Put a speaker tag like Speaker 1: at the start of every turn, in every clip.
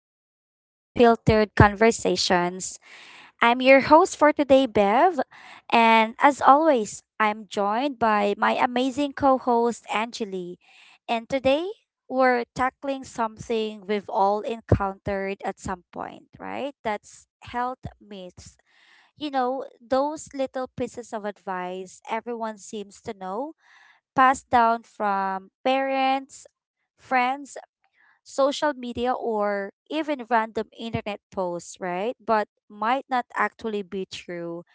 Speaker 1: welcome to Unfiltered Conversations. I'm your host for today, Bev. And as always, I'm joined by my amazing co host, Angeli. And today, we're tackling something we've all encountered at some point, right? That's health myths. Those little pieces of advice everyone seems to know, passed down from parents, friends, social media, or even random internet posts, right? But might not actually be true.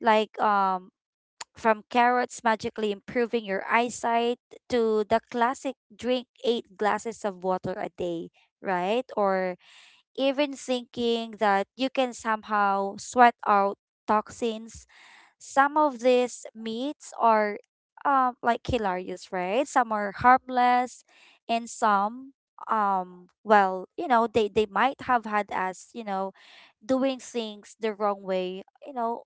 Speaker 1: Like from carrots magically improving your eyesight to the classic drink 8 glasses of water a day, right? Or even thinking that you can somehow sweat out toxins, some of these myths are like hilarious, right? Some are harmless and some, well, they might have had us, doing things the wrong way,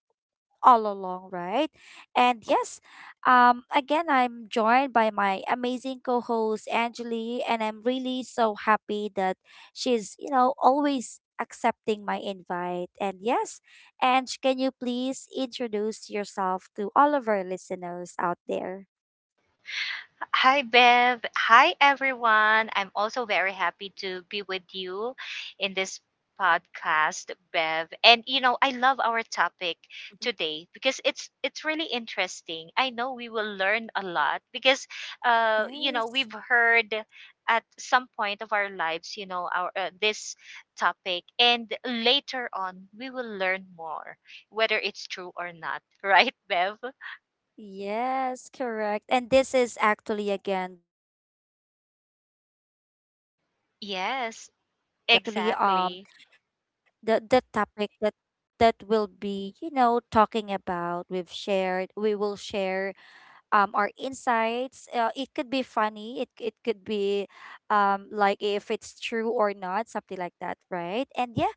Speaker 1: all along, right? And yes, again, I'm joined by my amazing co host, Angeli, and I'm really so happy that she's, always accepting my invite. And yes, Ange, can you please introduce yourself to all of our listeners out there?
Speaker 2: Hi, Bev. Hi, everyone. I'm also very happy to be with you in this podcast, Bev. And you know, I love our
Speaker 1: Mhm.
Speaker 2: topic today because it's really interesting. I know we will learn a lot because,
Speaker 1: Yes.
Speaker 2: we've heard at some point of our lives, our this topic, and later on we will learn more, whether it's true or not, right, Bev?
Speaker 1: Yes, correct. And this is actually again the, the common health myths are
Speaker 2: Yes,
Speaker 1: busted. That's actually
Speaker 2: exactly.
Speaker 1: the topic that that will be, talking about. We will share our insights. It could be funny, it could be like if it's true or not, something like that, right? And yeah,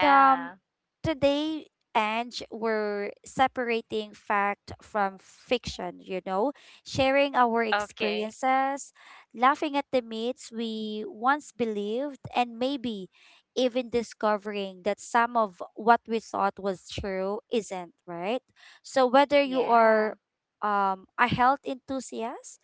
Speaker 1: the, today, Ange, we're separating fact from fiction, sharing our
Speaker 2: Okay.
Speaker 1: experiences, laughing at the myths we once believed, and maybe even discovering that some of what we thought was true isn't, right? So, whether you
Speaker 2: Yeah.
Speaker 1: are a health enthusiast,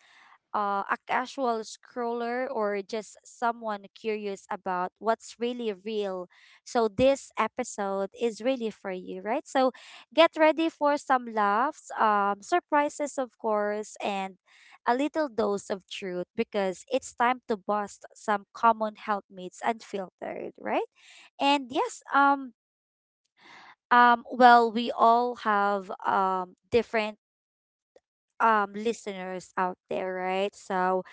Speaker 1: a casual scroller, or just someone curious about what's really real. So, this episode is really for you, right? So, get ready for some laughs, surprises, of course, and a little dose of truth because it's time to bust some common helpmates unfiltered, right? And yes, well, we all have different listeners out there, right? So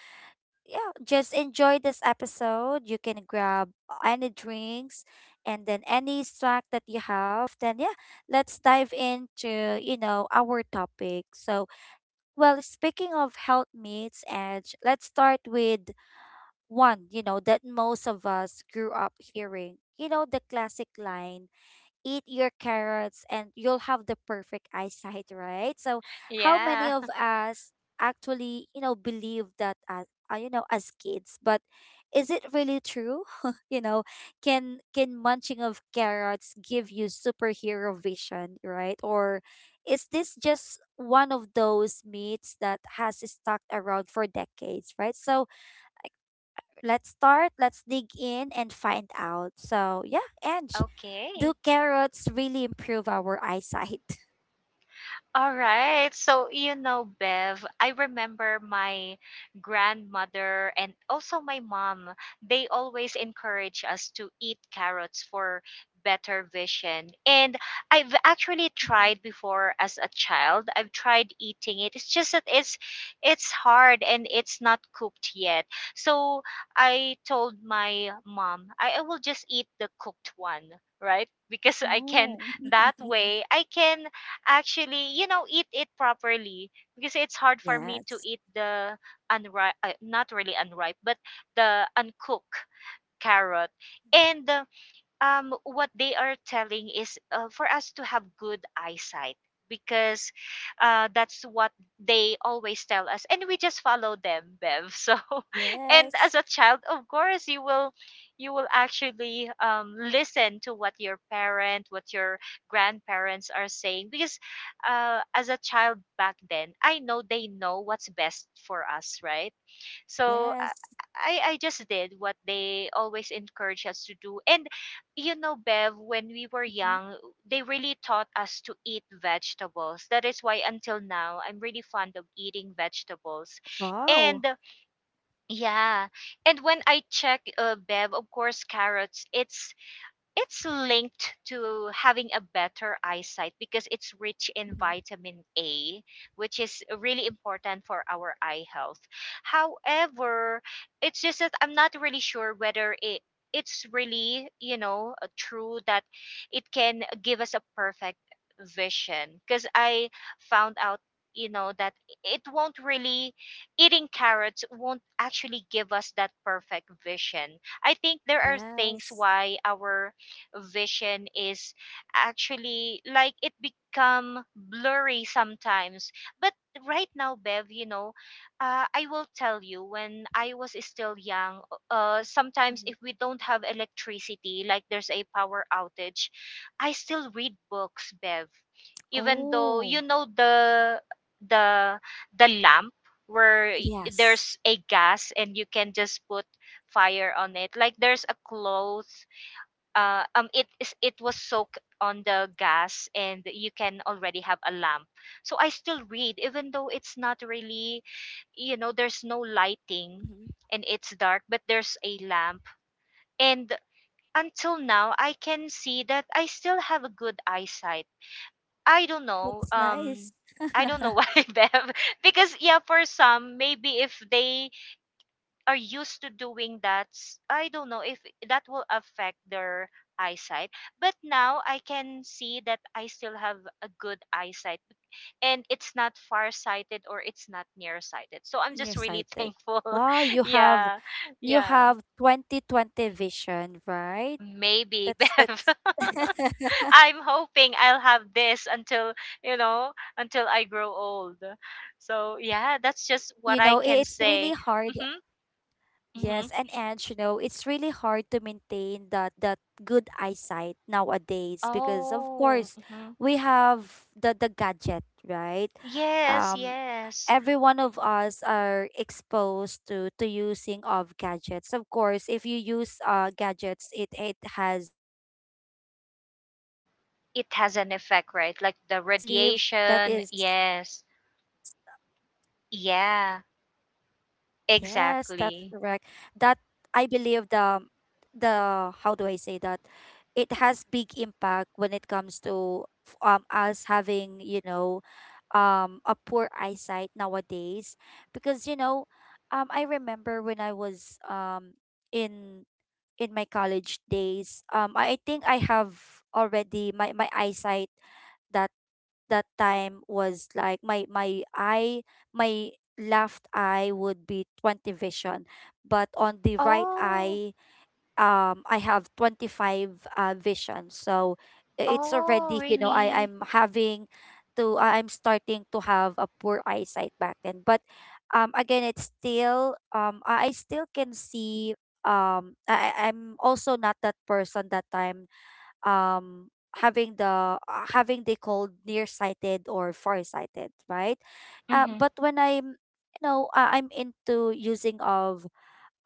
Speaker 1: yeah, just enjoy this episode. You can grab any drinks and then any snack that you have. Then, yeah, let's dive into, our topic. So, well, speaking of health myths, and let's start with one, that most of us grew up hearing. You know, the classic line, eat your carrots and you'll have the perfect eyesight, right? So how many
Speaker 2: Yeah.
Speaker 1: of us actually, believe that as as kids, but is it really true? You know, can munching of carrots give you superhero vision, right? Or is this just one of those myths that has stuck around for decades, right? So let's start, let's dig in and find out. So yeah, and do
Speaker 2: Okay.
Speaker 1: carrots really improve our eyesight?
Speaker 2: All right. So, Bev, I remember my grandmother and also my mom, they always encourage us to eat carrots for better vision. And I've actually tried before as a child. I've tried eating it. It's just that it's hard and it's not cooked yet. So, I told my mom, I will just eat the cooked one, right? Because I can
Speaker 1: Oh,
Speaker 2: that way I can actually, eat it properly because it's hard for me to
Speaker 1: yes,
Speaker 2: eat the unripe, not really unripe, but the uncooked carrot. And what they are telling is, for us to have good eyesight because, that's what they always tell us and we just follow them, Bev, so. And
Speaker 1: yes,
Speaker 2: as a child, of course, you will actually, listen to what your grandparents are saying because, as a child back then, I know they know what's best for us, right? So I
Speaker 1: yes.
Speaker 2: I I just did what they always encourage us to do. And you know, Bev, when we were
Speaker 1: Mhm.
Speaker 2: young, they really taught us to eat vegetables. That is why until now I'm really fond of eating vegetables.
Speaker 1: Wow.
Speaker 2: And, yeah, and when I check, Bev, of course, carrots, it's linked to having a better eyesight because it's rich in
Speaker 1: Mhm.
Speaker 2: vitamin A, which is really important for our eye health. However, it's just that I'm not really sure whether it's really, true that it can give us a perfect vision because I found out, that it won't really eating carrots won't actually give us that perfect vision. I think there are things
Speaker 1: Yes.
Speaker 2: why our vision is actually, like, it become blurry sometimes. But right now, Bev, I will tell you, when I was still young, sometimes
Speaker 1: Mhm.
Speaker 2: if we don't have electricity, like there's a power outage, I still read books, Bev, even though,
Speaker 1: Oh,
Speaker 2: the the lamp, where y-
Speaker 1: yes.
Speaker 2: there's a gas and you can just put fire on it, like there's a cloth. It was soaked on the gas and you can already have a lamp. So I still read, even though it's not really, there's no lighting
Speaker 1: Mhm.
Speaker 2: and it's dark, but there's a lamp. And until now I can see that I still have a good eyesight. i don't know
Speaker 1: That's
Speaker 2: um
Speaker 1: nice.
Speaker 2: I don't know why, Bev. Because, yeah, for some, maybe if they are used to doing that, I don't know if that will affect their eyesight. But now I can see that I still have a good eyesight and it's not farsighted or it's not nearsighted. So I'm just really
Speaker 1: Nearsighted.
Speaker 2: thankful.
Speaker 1: Wow, you have
Speaker 2: Yeah.
Speaker 1: you
Speaker 2: Yeah.
Speaker 1: have 20/20 vision, right?
Speaker 2: Maybe, Bev.
Speaker 1: That's
Speaker 2: I'm hoping I'll have this until, you know, until I grow old. So, yeah, that's
Speaker 1: it's
Speaker 2: just
Speaker 1: really
Speaker 2: what I can
Speaker 1: hard.
Speaker 2: say. Mhm.
Speaker 1: Yes,
Speaker 2: Mhm.
Speaker 1: and it's really hard to maintain that good eyesight nowadays because of
Speaker 2: Oh.
Speaker 1: course
Speaker 2: Mm-hmm.
Speaker 1: we have the gadget, right?
Speaker 2: Yes,
Speaker 1: Um,
Speaker 2: yes.
Speaker 1: every one of us are exposed to using of gadgets. Of course, if you use gadgets, it has impact in our
Speaker 2: It
Speaker 1: eyes,
Speaker 2: has
Speaker 1: right?
Speaker 2: an
Speaker 1: So
Speaker 2: effect, right? Like
Speaker 1: I
Speaker 2: the
Speaker 1: believe that is,
Speaker 2: radiation. Yes. Yeah,
Speaker 1: yes, that's correct. That
Speaker 2: exactly.
Speaker 1: I believe the how do I say that? It has big impact when it comes to us having, a poor eyesight nowadays because I remember when I was in in my college days, um I think I have already my my eyesight that that time was like my left eye would be 20 vision but on the right
Speaker 2: Oh,
Speaker 1: eye I have 25 visions. So it's
Speaker 2: oh,
Speaker 1: already, I
Speaker 2: really?
Speaker 1: I'm having to I- I'm starting to have a poor eyesight back then. But again, it's still um I still can see. I'm also not that person that time um having the cold nearsighted or farsighted, right?
Speaker 2: Mm-hmm,
Speaker 1: But when I'm I'm into using of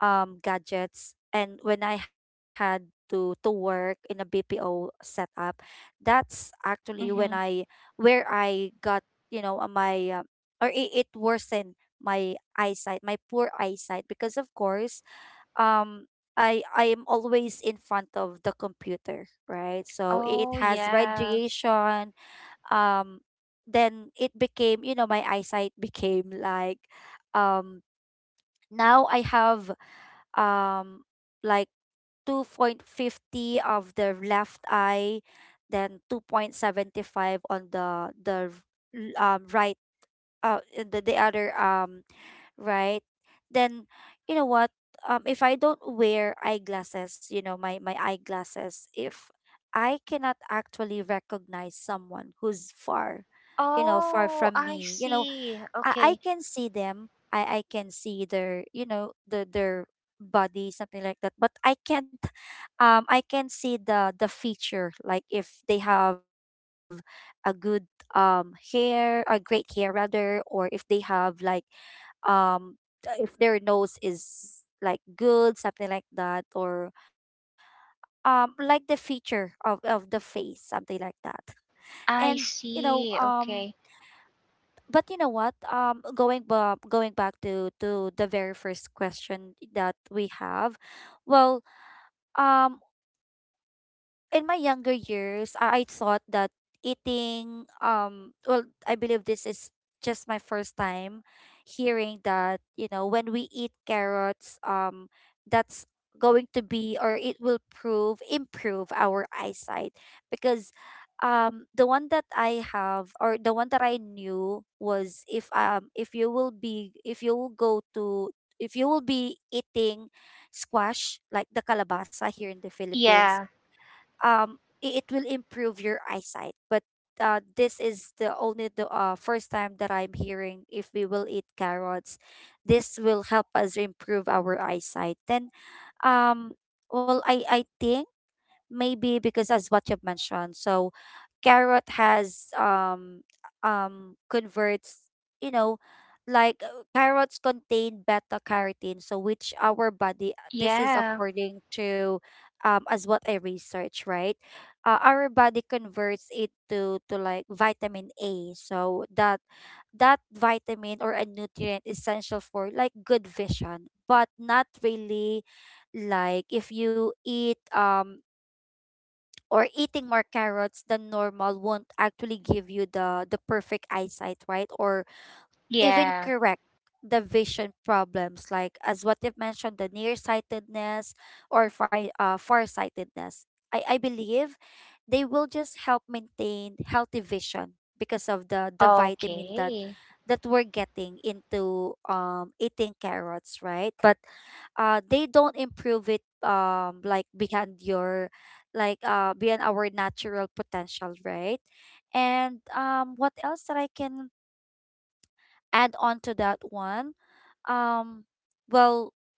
Speaker 1: gadgets and when I had to work in a BPO setup, that's actually when
Speaker 2: mm-hmm.
Speaker 1: I where I got, you know, my or it worsened my eyesight, my poor eyesight because of course, um I am always in front of the computer, right? So it
Speaker 2: Oh,
Speaker 1: has
Speaker 2: yeah.
Speaker 1: radiation. um then it became, my eyesight became like, um now I have, um like 2.50 of the left eye, then 2.75 on the right, the other right. Then you know what if I don't wear eyeglasses, you know my my eyeglasses if I cannot actually recognize someone who's far, far
Speaker 2: Oh,
Speaker 1: from
Speaker 2: I
Speaker 1: me. You know,
Speaker 2: see.
Speaker 1: I
Speaker 2: Okay,
Speaker 1: can see them. I can see their, their body, something like that. But I can't, I can see the feature, like if they have a good, hair, a great hair rather, or if they have like um if their nose is like good, something like that, or like the feature of the face, something like that.
Speaker 2: I
Speaker 1: And
Speaker 2: see. Okay.
Speaker 1: but going back to the very first question that we have, well, um in my younger years, I thought that eating well, I believe this is just my first time hearing that, when we eat carrots, that's going to be or it will prove improve our eyesight because the one that I have or the one that I knew was if you will be if you will go to if you will be eating squash like the kalabasa here in the Philippines,
Speaker 2: Yeah,
Speaker 1: um it will improve your eyesight but this is the only the first time that I'm hearing if we will eat carrots, this will help us improve our eyesight. Then um well I think maybe because as what you've mentioned, so carrot has converts, you know, like carrots contain beta carotene, so which our body, this is
Speaker 2: yeah,
Speaker 1: according to as what I research, right? Our body converts it to like vitamin A, so that, that vitamin or a nutrient essential for like good vision, but not really like if you eat or eating more carrots than normal won't actually give you the perfect eyesight, right? Or even
Speaker 2: yeah.
Speaker 1: correct the vision problems like as what you've mentioned, the nearsightedness or farsightedness. I believe they will just help maintain healthy vision because of the vitamin that
Speaker 2: Okay.
Speaker 1: that we're getting into eating carrots, right? But they don't improve it like beyond your beyond our natural potential, right? And what else that I can add on to that one, um, well,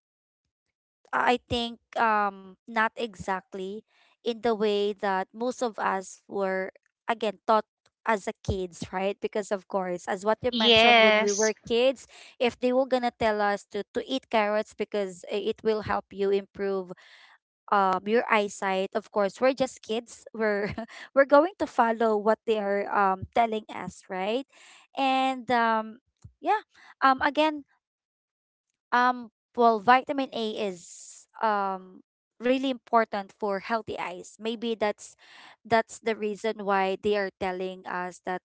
Speaker 1: I think, not exactly in the way that most of us were again taught as a kids, right? Because of course, as what you mentioned, when we
Speaker 2: Yes,
Speaker 1: were kids, if they were gonna tell us to eat carrots because it will help you improve your eyesight, of course, we're just kids. We're we're going to follow what they are telling us, right? And yeah, again um, well, vitamin A is really important for healthy eyes. Maybe that's the reason why they are telling us that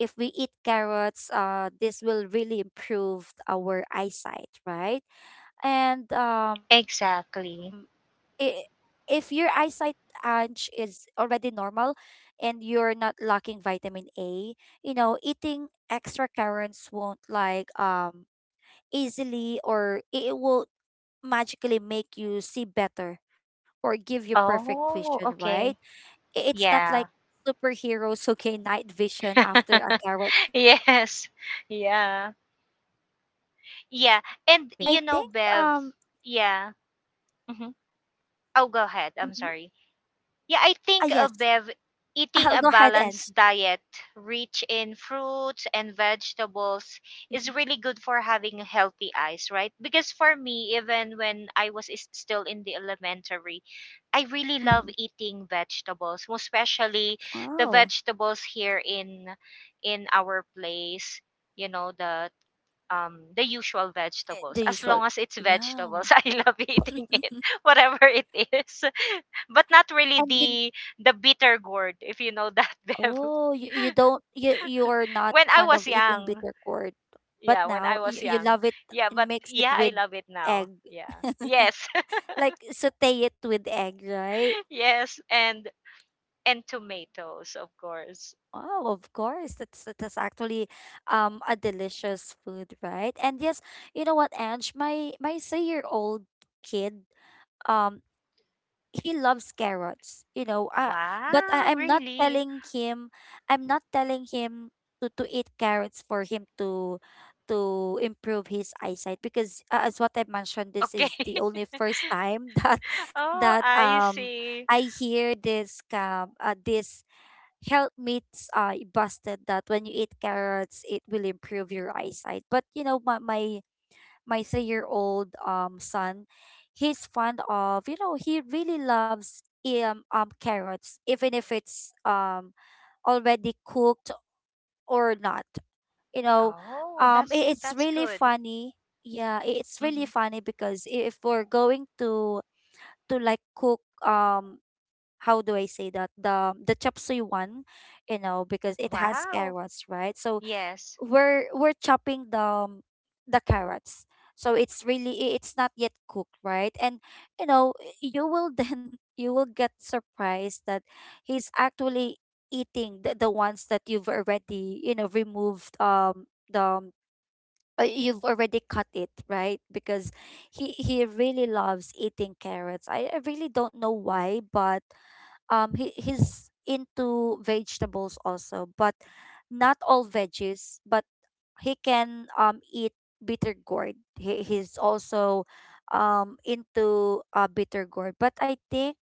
Speaker 1: if we eat carrots, this will really improve our eyesight, right? And i-
Speaker 2: exactly.
Speaker 1: if your eyesight, Ange, is already normal and you're not lacking vitamin A, eating extra carrots won't like easily, or it will magically make you see better or give you perfect vision,
Speaker 2: Oh,
Speaker 1: right?
Speaker 2: okay.
Speaker 1: I- It's not like
Speaker 2: Yeah.
Speaker 1: superheroes who gain night vision after a carrot binge,
Speaker 2: Yes.
Speaker 1: right?
Speaker 2: Yeah.
Speaker 1: And what
Speaker 2: Yeah.
Speaker 1: else? I
Speaker 2: And
Speaker 1: think
Speaker 2: you know, Bev,
Speaker 1: um
Speaker 2: yeah. Hmm.
Speaker 1: mhm.
Speaker 2: Oh, go ahead. I'm sorry.
Speaker 1: Ah yes,
Speaker 2: Yeah, I think,
Speaker 1: I'll go
Speaker 2: Bev,
Speaker 1: ahead and
Speaker 2: eating a balanced diet rich in fruits and vegetables
Speaker 1: mm-hmm.
Speaker 2: is really good for having healthy eyes, right? Because for me, even when I was still in the elementary, I really love eating vegetables, most especially the
Speaker 1: Wow.
Speaker 2: vegetables here in our place, you know the the usual
Speaker 1: The
Speaker 2: vegetables. As
Speaker 1: usual.
Speaker 2: long as it's
Speaker 1: Yeah.
Speaker 2: vegetables, I love eating it, whatever it is. But not really
Speaker 1: And you,
Speaker 2: the bitter gourd, if you know that, Bev.
Speaker 1: oh, you don't you you're not
Speaker 2: When I
Speaker 1: fond of
Speaker 2: was
Speaker 1: eating
Speaker 2: young.
Speaker 1: bitter gourd, but
Speaker 2: Yeah, when
Speaker 1: now
Speaker 2: I
Speaker 1: you,
Speaker 2: was
Speaker 1: you
Speaker 2: young.
Speaker 1: love it
Speaker 2: Yeah,
Speaker 1: and
Speaker 2: but
Speaker 1: mix it
Speaker 2: yeah, I
Speaker 1: with
Speaker 2: love it now.
Speaker 1: egg.
Speaker 2: Yeah. Yes.
Speaker 1: Like saute it with egg, right?
Speaker 2: Yes, and tomatoes, of course.
Speaker 1: Oh, of course. That's actually a delicious food, right? And yes, you know what, Ange, my 3 year old kid um he loves carrots. But
Speaker 2: Wow,
Speaker 1: I'm not
Speaker 2: really?
Speaker 1: telling him i'm not telling him to eat carrots for him to improve his eyesight because as what I mentioned this
Speaker 2: Okay.
Speaker 1: is the only first time that
Speaker 2: Oh,
Speaker 1: that
Speaker 2: I
Speaker 1: um
Speaker 2: see.
Speaker 1: I hear this this health myths busted that when you eat carrots it will improve your eyesight. But you know my three-year-old son, he's fond of he really loves carrots even if it's already cooked or not. You know,
Speaker 2: Oh, that's
Speaker 1: it's
Speaker 2: that's
Speaker 1: really
Speaker 2: good.
Speaker 1: funny. Yeah, it's really
Speaker 2: Hmm.
Speaker 1: funny because if we're going to like cook how do I say that, the chop suey one, you know, because it has
Speaker 2: Wow.
Speaker 1: carrots, right? So
Speaker 2: Yes.
Speaker 1: we're chopping the carrots, so it's really it's not yet cooked right, and you know you will then you will get surprised that he's actually eating the ones that you've already you know removed the you've already cut it right, because he really loves eating carrots. I really don't know why, but he's into vegetables also, but not all veggies. But he can eat bitter gourd. He's also into bitter gourd, but I think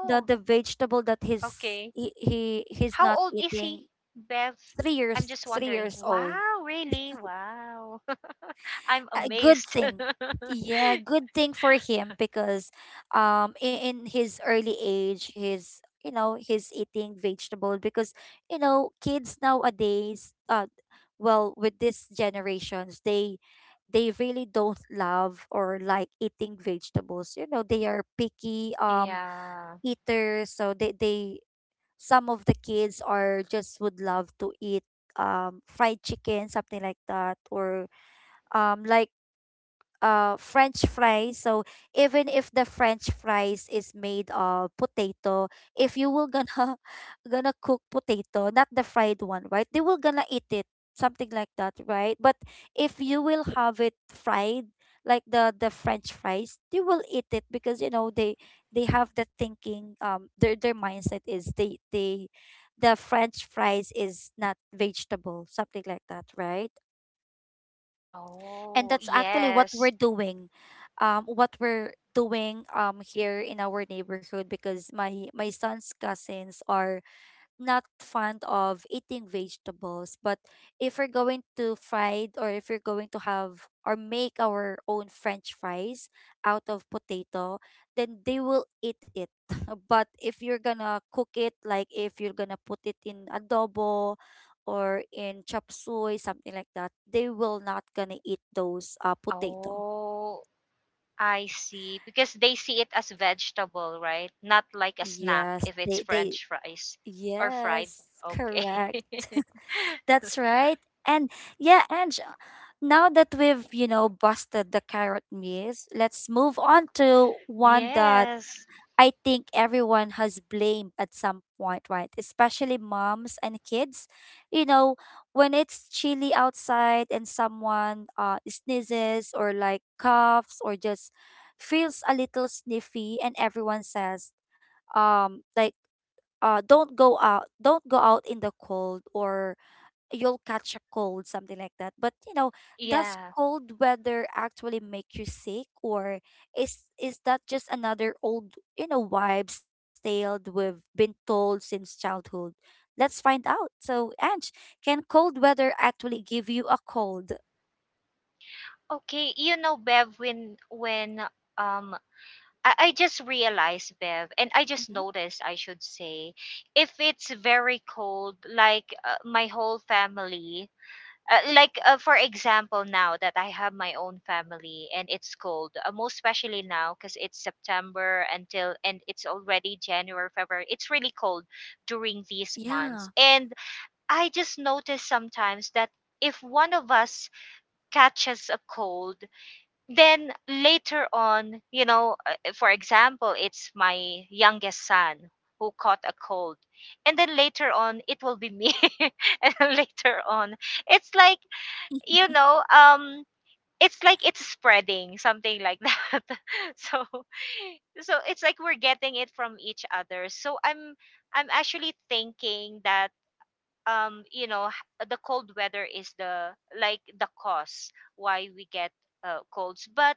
Speaker 1: the vegetable that he's
Speaker 2: okay.
Speaker 1: he he's
Speaker 2: How
Speaker 1: not
Speaker 2: old is he,
Speaker 1: eating.
Speaker 2: Bev?
Speaker 1: three
Speaker 2: I'm
Speaker 1: years
Speaker 2: just
Speaker 1: three
Speaker 2: wondering.
Speaker 1: years old,
Speaker 2: Wow, really? Wow. I'm
Speaker 1: a good
Speaker 2: amazed.
Speaker 1: thing. Yeah, good thing for him because in his early age he's you know he's eating vegetable, because you know kids nowadays well with these generations they really don't love or like eating vegetables. You know, they are picky
Speaker 2: Yeah.
Speaker 1: eaters, so they some of the kids are just would love to eat fried chicken, something like that, or like french fries. So even if the french fries is made of potato, if you will gonna gonna cook potato not the fried one, right, they will gonna eat it, something like that, right? But if you will have it fried like the french fries, they will eat it, because you know they have the thinking their mindset is the french fries is not vegetable, something like that, right? And
Speaker 2: Oh,
Speaker 1: that's actually what
Speaker 2: yes.
Speaker 1: we're doing here in our neighborhood, because my son's cousins are not fond of eating vegetables, but if we're going to fried or if we're going to have or make our own french fries out of potato, then they will eat it. But if you're gonna cook it, like if you're gonna put it in adobo or in chop suey, something like that, they will not gonna eat those potato.
Speaker 2: Oh, I see. Because they see it as vegetable, right? Not like a
Speaker 1: Yes,
Speaker 2: snack if
Speaker 1: they
Speaker 2: it's French fries or
Speaker 1: yes,
Speaker 2: fried.
Speaker 1: correct.
Speaker 2: Okay.
Speaker 1: That's right. And yeah, Ange, now that we've, you know, busted the carrot maze, let's move on to one that
Speaker 2: Yes.
Speaker 1: I think everyone has blamed at some point, right? Especially moms and kids. You know, when it's chilly outside and someone sneezes or like coughs or just feels a little sniffy and everyone says, um, like, don't go out, in the cold or you'll catch a cold, something like that. But you know, does
Speaker 2: Yeah.
Speaker 1: cold weather actually make you sick, or is that just another old, you know, wives' tale we've been told since childhood? Let's find out. So, Ange, can cold weather actually give you a cold?
Speaker 2: Okay. You know, Bev, when um I just realized, Bev, and I just
Speaker 1: Mhm.
Speaker 2: noticed, I should say, if it's very cold, like, my whole family, like, for example, now that I have my own family and it's cold, most especially now because it's September until and it's already January, February, it's really cold during these
Speaker 1: Yeah.
Speaker 2: months. And I just notice sometimes that if one of us catches a cold, then later on, for example, it's my youngest son who caught a cold. And then later on, it will be me. And then later on, it's like, you know, um, it's like it's spreading, something like that. so, so it's like we're getting it from each other. So I'm actually thinking that, the cold weather is the like the cause why we get, colds, but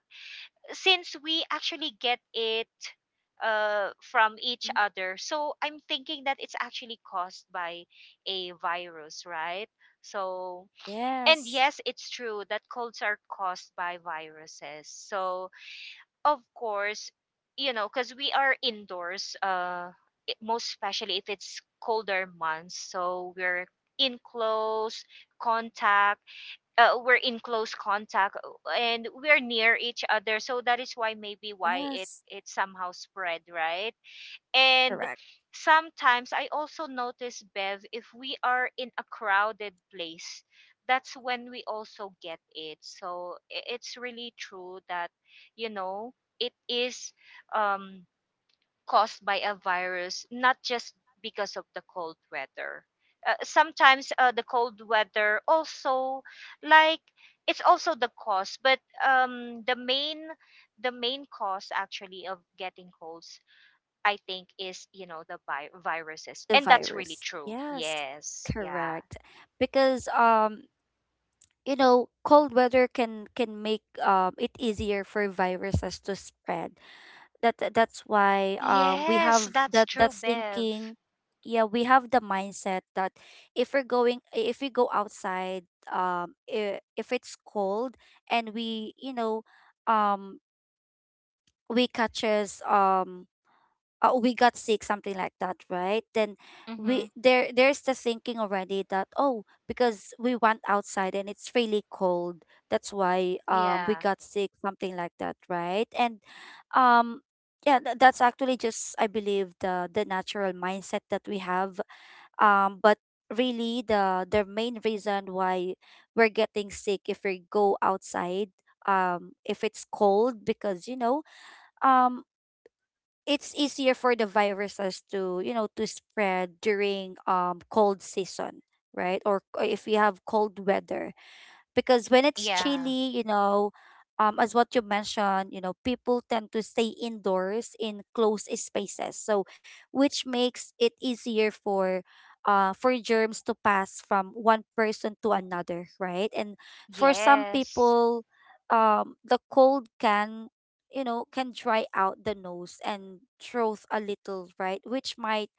Speaker 2: since we actually get it, from each
Speaker 1: Mhm.
Speaker 2: other. So I'm thinking that it's actually caused by a virus, right? So, and
Speaker 1: Yes.
Speaker 2: yes, it's true that colds are caused by viruses. So, of course, because we are indoors, most especially if it's colder months. So, we're in close contact we're in close contact and we're near each other, so that is why maybe why it
Speaker 1: Yes.
Speaker 2: it somehow spread, right? And
Speaker 1: Correct.
Speaker 2: sometimes I also notice, Bev, if we are in a crowded place, that's when we also get it. So it's really true that, you know it is, um caused by a virus, not just because of the cold weather. Sometimes, the cold weather also, like, it's also the cause, but um the main the main cause actually of getting colds, I think, is, the viruses,
Speaker 1: The
Speaker 2: and that's really
Speaker 1: virus.
Speaker 2: true.
Speaker 1: Yes.
Speaker 2: Yes. Yeah.
Speaker 1: Correct. Because you know cold weather can make it easier for viruses to spread. That that- that's why we
Speaker 2: Yes,
Speaker 1: have
Speaker 2: that's
Speaker 1: that
Speaker 2: true, Bev.
Speaker 1: thinking. Yeah, we have the mindset that if we're going if we go outside if it's cold, and we you know um we catches we got sick, something like that, right? Then we
Speaker 2: Mhm.
Speaker 1: there there's the thinking already that oh, because we went outside and it's really cold, that's why we
Speaker 2: Yeah.
Speaker 1: got sick, something like that, right? And um yeah, that's actually just I believe the natural mindset that we have, but really the main reason why we're getting sick if we go outside if it's cold, because you know um it's easier for the viruses to you know to spread during cold season, right, or if we have cold weather. Because when it's
Speaker 2: Yeah.
Speaker 1: chilly, you know, as what you mentioned, you know, people tend to stay indoors in closed spaces, so which makes it easier for germs to pass from one person to another, right? And for some
Speaker 2: Yes.
Speaker 1: people, the cold can you know can dry out the nose and throat a little, right? Which might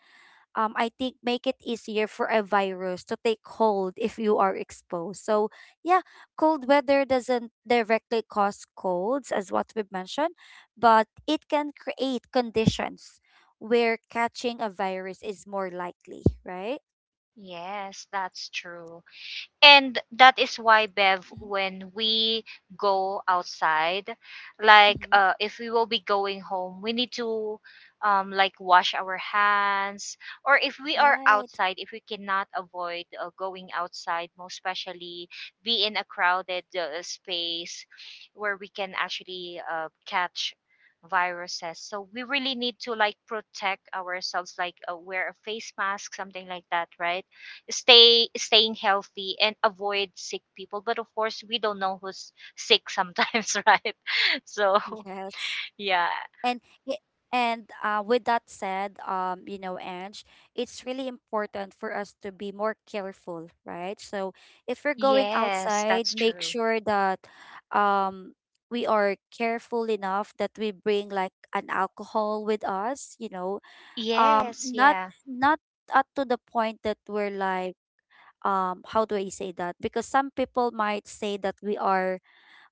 Speaker 1: I think make it easier for a virus to take hold if you are exposed. So yeah, cold weather doesn't directly cause colds as what we've mentioned, but it can create conditions where catching a virus is more likely, right?
Speaker 2: Yes, that's true. And that is why, Bev, when we go outside, like,
Speaker 1: Mm-hmm.
Speaker 2: if we will be going home, we need to, like wash our hands. Or if we are
Speaker 1: Right.
Speaker 2: outside, if we cannot avoid, going outside, most especially be in a crowded, space where we can actually, catch viruses. So we really need to, like, protect ourselves, like, wear a face mask, something like that, right? Staying healthy and avoid sick people, but of course we don't know who's sick sometimes, right? So
Speaker 1: Yes.
Speaker 2: yeah.
Speaker 1: and y- and with that said, you know, Ange, it's really important for us to be more careful, right? So if we're going
Speaker 2: Yes,
Speaker 1: outside,
Speaker 2: that's
Speaker 1: make
Speaker 2: true.
Speaker 1: sure that um, we are careful enough that we bring like an alcohol with us, you know, um,
Speaker 2: Yes,
Speaker 1: not
Speaker 2: yeah.
Speaker 1: not up to the point that we're like, how do I say that? Because some people might say that we are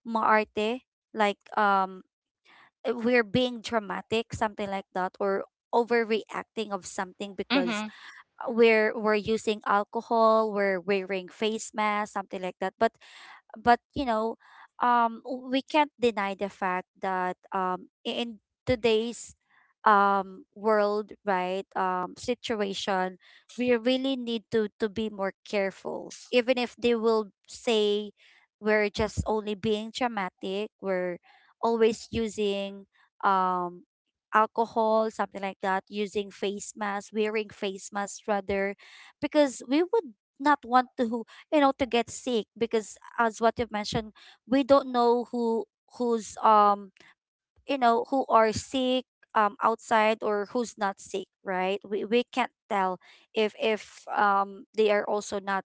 Speaker 1: maarte, like we're being dramatic, something like that, or overreacting of something, because
Speaker 2: Mhm.
Speaker 1: we're using alcohol, we're wearing face mask, something like that, but you know we can't deny the fact that in today's world, right, situation, we really need to be more careful, even if they will say we're just only being dramatic, we're always using um alcohol, something like that, using face masks, wearing face masks rather, because we would not want to you know to get sick, because as what you've mentioned, we don't know who's you know who are sick outside, or who's not sick, right? We we can't tell if they are also not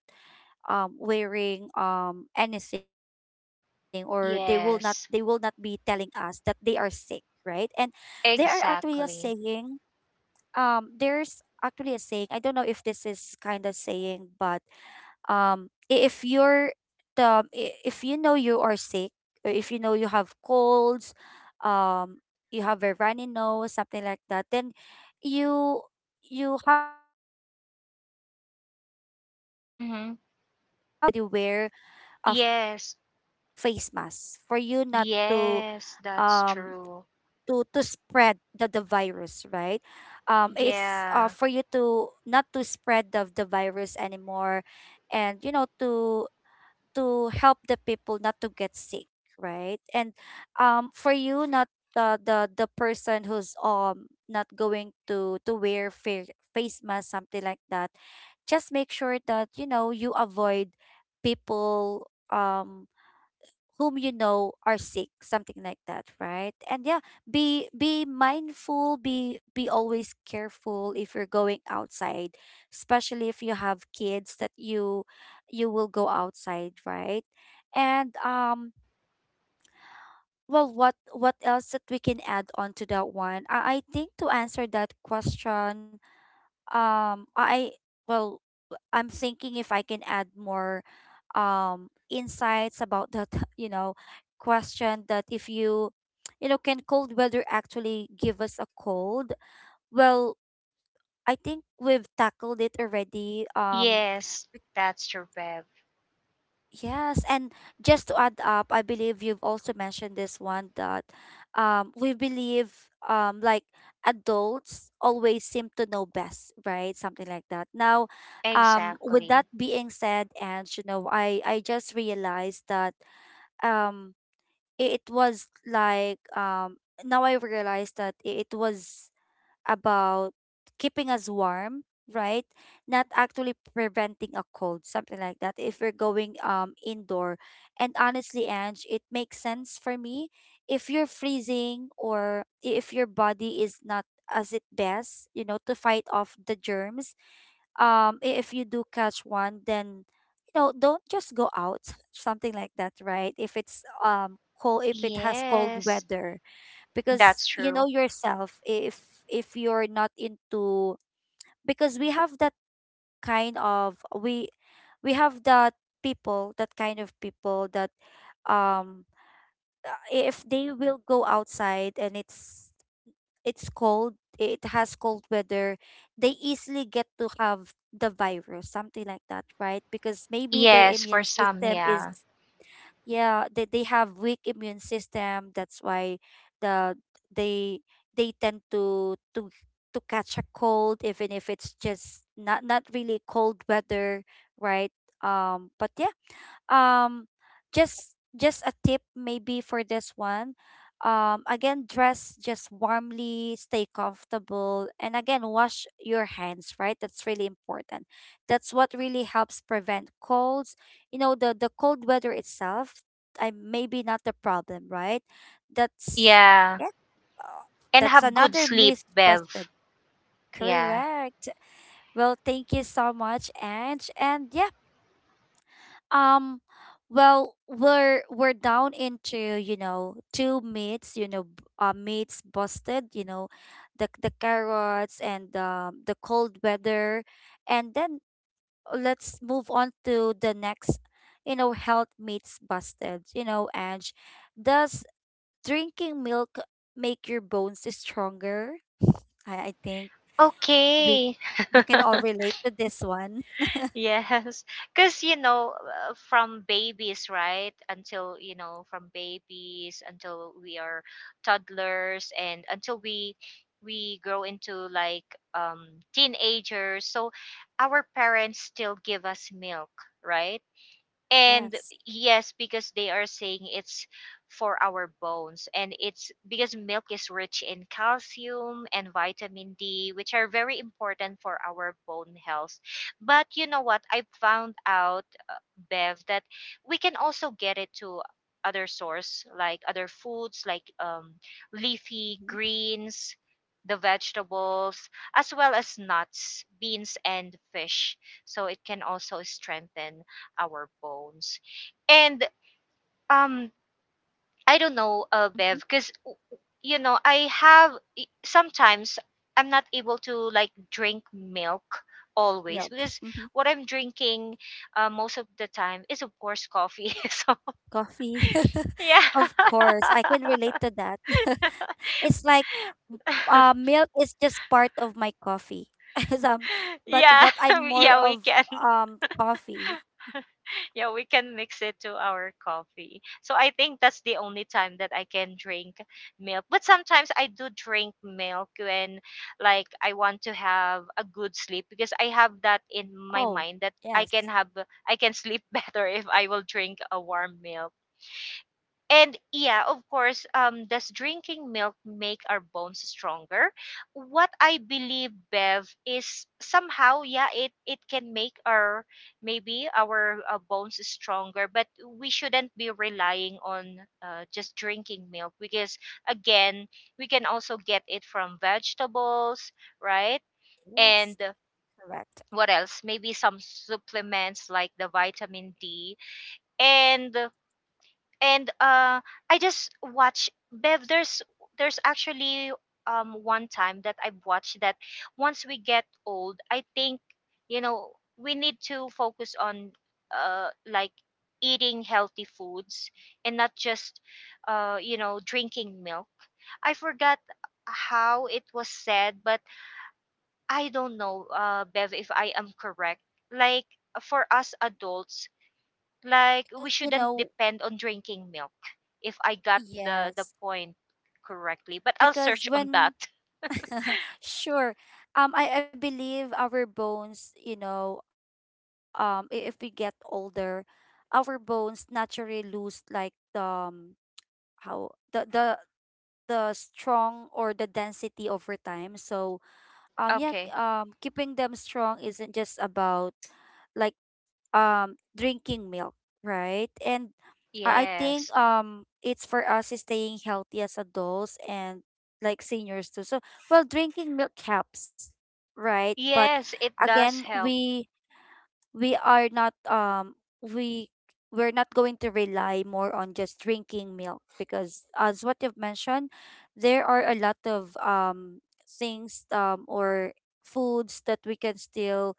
Speaker 1: wearing anything, or they will not be
Speaker 2: Yes,
Speaker 1: telling us that they are sick, right. And there are actually a
Speaker 2: exactly.
Speaker 1: saying I don't know if this is kind of saying, but if you're if you know you are sick, or if you know you have colds, um you have a runny nose, something like that, then you you have um you can do the initiative,
Speaker 2: Mhm.
Speaker 1: right? You can already wear
Speaker 2: Yes.
Speaker 1: a face mask for you not to
Speaker 2: Yes, that's
Speaker 1: um
Speaker 2: true.
Speaker 1: to spread the virus, right? It's
Speaker 2: Yeah.
Speaker 1: for you to not to spread the virus anymore, and you know to help the people not to get sick, right? And for you not the the person who's not going to wear face mask, something like that, just make sure that you know you avoid people whom you know are sick, something like that, right? And yeah, be mindful, be always careful if you're going outside, especially if you have kids that you will go outside, right? And well, what else that we can add on to that one, I think, to answer that question, I, well, I'm thinking if I can add more insights about that you know question that if you you know can cold weather actually give us a cold. Well, I think we've tackled it already,
Speaker 2: Yes, that's true, Bev.
Speaker 1: yes, and just to add up, I believe you've also mentioned this one that we believe um, like adults always seem to know best, right? Something like that. Now, with
Speaker 2: Exactly.
Speaker 1: that being said, and you know, I just realized that um, it was like now I realized that it was about keeping us warm, right? Not actually preventing a cold, something like that. If we're going indoor, and honestly, Ange, it makes sense for me. If you're freezing or if your body is not as it best, you know, to fight off the germs. If you do catch one, then you know, don't just go out, something like that, right? If it's cold, if it has cold
Speaker 2: Yes,
Speaker 1: weather because
Speaker 2: that's
Speaker 1: you
Speaker 2: true.
Speaker 1: know yourself if you're not into because we have that kind of we we have that people that um if they will go outside and it's cold, it has cold weather, they easily get to have the virus, something like that, right? Because maybe their
Speaker 2: Yes, for
Speaker 1: immune
Speaker 2: some,
Speaker 1: system is
Speaker 2: yeah.
Speaker 1: yeah, they have weak immune system. That's why the they they tend to catch a cold even if it's just not really cold weather, right? But yeah, um just a tip maybe for this one. Again, dress just warmly, stay comfortable, and again, wash your hands, right? That's really important. That's what really helps prevent colds. You know, the cold weather itself I maybe not the problem, right? That's
Speaker 2: Yeah.
Speaker 1: yeah. uh,
Speaker 2: And
Speaker 1: that's
Speaker 2: have good
Speaker 1: another
Speaker 2: sleep,
Speaker 1: myth
Speaker 2: Bev.
Speaker 1: busted.
Speaker 2: Yeah.
Speaker 1: Correct. Well, thank you so much, Ange, and yeah. um, well, we're down into, you know, two meats, you know, meats busted, you know, the carrots and the cold weather. And then let's move on to the next, you know, health meats busted, you know, and does drinking milk make your bones stronger? I think we
Speaker 2: Okay.
Speaker 1: we can all relate to this one.
Speaker 2: Yes. Because, from babies, right? Until, from babies until we are toddlers and until we grow into, like, teenagers. So our parents still give us milk, right? And
Speaker 1: Yes.
Speaker 2: yes, because they are saying it's for our bones and it's because milk is rich in calcium and vitamin D, which are very important for our bone health. But you know what, I found out, uh, Bev, that we can also get it to other source, like other foods, like, leafy
Speaker 1: Mm-hmm.
Speaker 2: greens, the vegetables as well as nuts, beans, and fish, so it can also strengthen our bones. And, um, I don't know, Bev, because you know I have sometimes I'm not able to, like, drink milk always
Speaker 1: Milk.
Speaker 2: because
Speaker 1: Mm-hmm.
Speaker 2: what I'm drinking, most of the time, is of course coffee. So
Speaker 1: Coffee.
Speaker 2: yeah.
Speaker 1: Of course, I can relate to that. It's like milk is just part of my coffee. As but
Speaker 2: Yeah.
Speaker 1: but I'm more
Speaker 2: Yeah, we
Speaker 1: of
Speaker 2: can.
Speaker 1: coffee.
Speaker 2: Yeah, we can mix it to our coffee. So I think that's the only time that I can drink milk. But sometimes I do drink milk when, like, I want to have a good sleep because I have that in my
Speaker 1: Oh,
Speaker 2: mind that I
Speaker 1: yes.
Speaker 2: can have I can sleep better if I will drink a warm milk. And yeah, of course, does drinking milk make our bones stronger? What I believe, Bev, is somehow, yeah, it can make our maybe our, bones stronger, but we shouldn't be relying on, just drinking milk because, again, we can also get it from vegetables, right?
Speaker 1: Yes,
Speaker 2: And
Speaker 1: correct.
Speaker 2: what else? Maybe some supplements like the vitamin D. And and I just watch,
Speaker 1: Mm-hmm.
Speaker 2: Bev. There's actually one time that I've watched that. Once we get old, I think you know we need to focus on like eating healthy foods and not just drinking milk. I forgot how it was said, but I don't know, Bev, if I am correct. Like for us adults, like we
Speaker 1: You
Speaker 2: shouldn't
Speaker 1: know,
Speaker 2: depend on drinking milk. If I got the
Speaker 1: yes.
Speaker 2: point correctly, but I'll
Speaker 1: Because
Speaker 2: search on
Speaker 1: when
Speaker 2: that.
Speaker 1: sure, um, I believe our bones, you know, if we get older, our bones naturally lose like the, how the strong or the density over time. So yeah,
Speaker 2: Okay.
Speaker 1: keeping them strong isn't just about like drinking milk, right? And I think
Speaker 2: Yes.
Speaker 1: it's for us is staying healthy as adults and like seniors too. So well, drinking milk helps, right? But
Speaker 2: Yes, it
Speaker 1: again,
Speaker 2: does help.
Speaker 1: we are not we we're not going to rely more on just drinking milk because as what you've mentioned, there are a lot of things or foods that we can still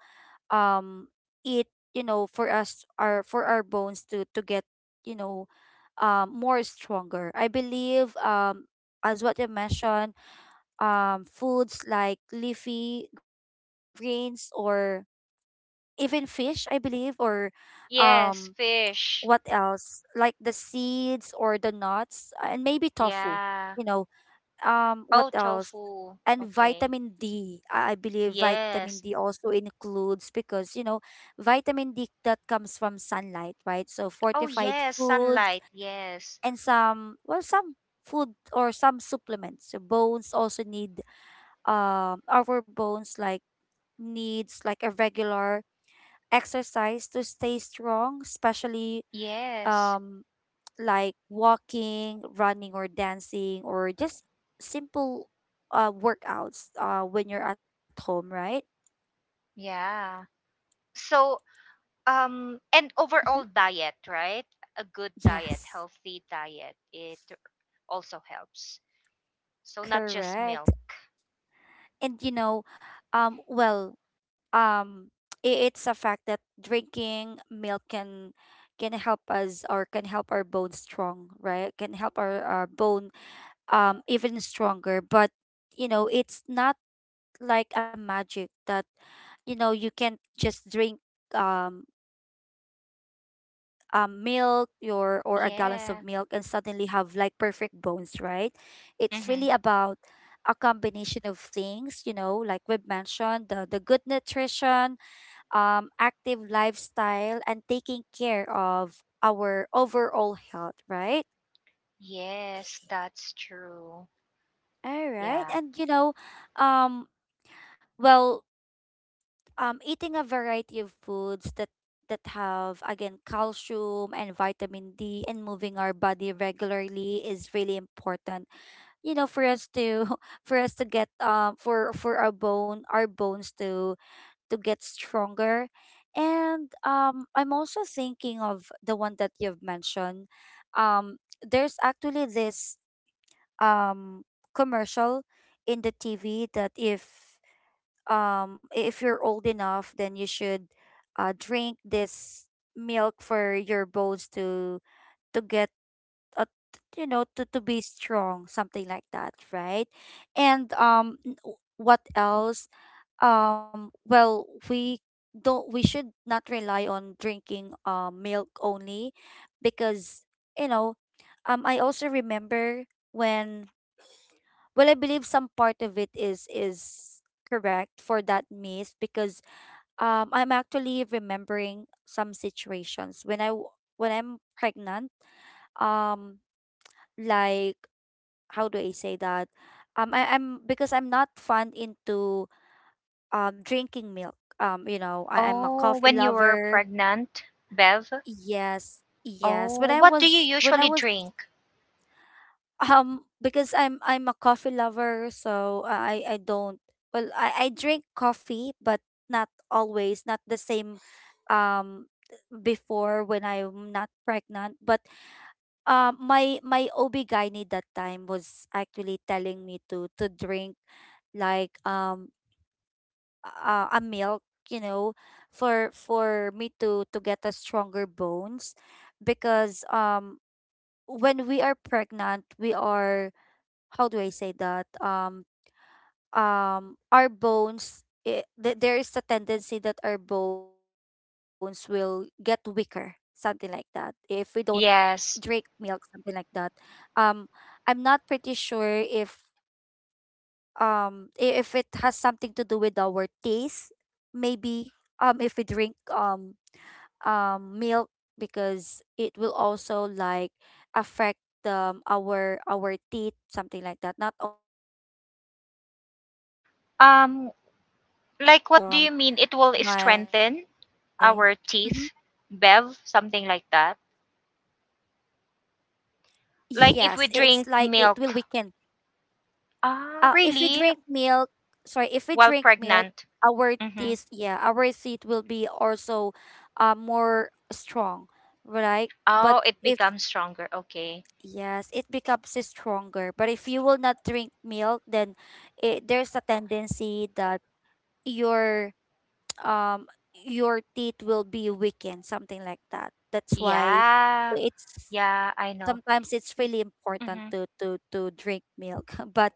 Speaker 1: um eat, you know, for us our for our bones to get, you know, more stronger I believe. As what you mentioned, foods like leafy greens or even fish, I believe, or um,
Speaker 2: Yes,
Speaker 1: what
Speaker 2: fish.
Speaker 1: else? Like the seeds or the nuts, and maybe tofu.
Speaker 2: Yeah.
Speaker 1: You know, what
Speaker 2: Oh,
Speaker 1: else?
Speaker 2: tofu.
Speaker 1: And
Speaker 2: Okay.
Speaker 1: vitamin D. I believe vitamin
Speaker 2: Yes.
Speaker 1: D also includes because you know, vitamin D that comes from sunlight, right? So
Speaker 2: Oh,
Speaker 1: fortified
Speaker 2: yes,
Speaker 1: foods
Speaker 2: sunlight. Yes.
Speaker 1: and some, well, some food or some supplements. So bones also need our bones like needs like a regular exercise to stay strong, especially
Speaker 2: Yes.
Speaker 1: um like walking, running, or dancing, or just simple workouts when you're at home, right?
Speaker 2: Yeah. So, and
Speaker 1: Hmm.
Speaker 2: overall diet, right? A good diet,
Speaker 1: Yes,
Speaker 2: healthy diet, it also helps. So not just
Speaker 1: correct.
Speaker 2: milk.
Speaker 1: And you know, well, um it's a fact that drinking milk can help us or can help our bones strong, right? Can help our bone even stronger, but you know, it's not like a magic that you know, you can't just drink um a milk your or a gallons of milk and
Speaker 2: Yeah.
Speaker 1: suddenly have like perfect bones, right? It's really
Speaker 2: Mm-hmm.
Speaker 1: about a combination of things, you know, like we've mentioned, the good nutrition, active lifestyle, and taking care of our overall health, right?
Speaker 2: Yes, that's true.
Speaker 1: All right.
Speaker 2: Yeah.
Speaker 1: And you know, um well, eating a variety of foods that have again calcium and vitamin D and moving our body regularly is really important. You know, for us to for us to get for for our bones to get stronger. And I'm also thinking of the one that you've mentioned. There's actually this um commercial in the TV that if if you're old enough, then you should drink this milk for your bones to get uh, you know, to be strong, something like that, right? And what else? Well, we should not rely on drinking milk only because you know, I also remember when, well, I believe some part of it is correct for that myth because I'm actually remembering some situations when when I'm pregnant. um like, how do I say that? Um I, I'm because I'm not fond into drinking milk, you know, I'm a
Speaker 2: Oh,
Speaker 1: coffee
Speaker 2: when you were
Speaker 1: lover.
Speaker 2: pregnant, Bev?
Speaker 1: Yes, yes, when
Speaker 2: Oh,
Speaker 1: I
Speaker 2: what do you
Speaker 1: was when I
Speaker 2: usually
Speaker 1: was
Speaker 2: drink?
Speaker 1: Because I'm a coffee lover, so I don't, well, I drink coffee but not always, not the same um before when I'm not pregnant. But my OB-GYN that time was actually telling me to drink like a milk, you know, for for me to get a stronger bones, because when we are pregnant, we are, how do I say that? Our bones. There is a tendency that our bones will get weaker, something like that, if we don't Drake milk,
Speaker 2: Yes.
Speaker 1: something like that. Um, I'm not pretty sure if if it has something to do with our taste, maybe if we drink milk, because it will also like affect our teeth, something like that. Not only our bones, right? And yeah, it, it
Speaker 2: Um,
Speaker 1: it's just
Speaker 2: like what do you mean? It will
Speaker 1: my.
Speaker 2: strengthen
Speaker 1: Mhm.
Speaker 2: our teeth, Bev? Something like that.
Speaker 1: Yes, it's
Speaker 2: Like
Speaker 1: like
Speaker 2: if we
Speaker 1: it will
Speaker 2: drink
Speaker 1: weaken
Speaker 2: milk. Ah,
Speaker 1: if we
Speaker 2: really?
Speaker 1: drink milk, sorry, if we
Speaker 2: While
Speaker 1: drink milk,
Speaker 2: pregnant.
Speaker 1: our
Speaker 2: Mm-hmm.
Speaker 1: teeth, yeah, our teeth will be also more strong, right? But
Speaker 2: Oh, it
Speaker 1: if,
Speaker 2: becomes stronger. Okay.
Speaker 1: yes, it becomes stronger. But if you will not drink milk, then it, there's a tendency that your um your teeth will be weakened, something like that. That's why
Speaker 2: Yeah.
Speaker 1: it's
Speaker 2: Yeah, I know.
Speaker 1: sometimes it's really important
Speaker 2: Mhm.
Speaker 1: to drink milk. But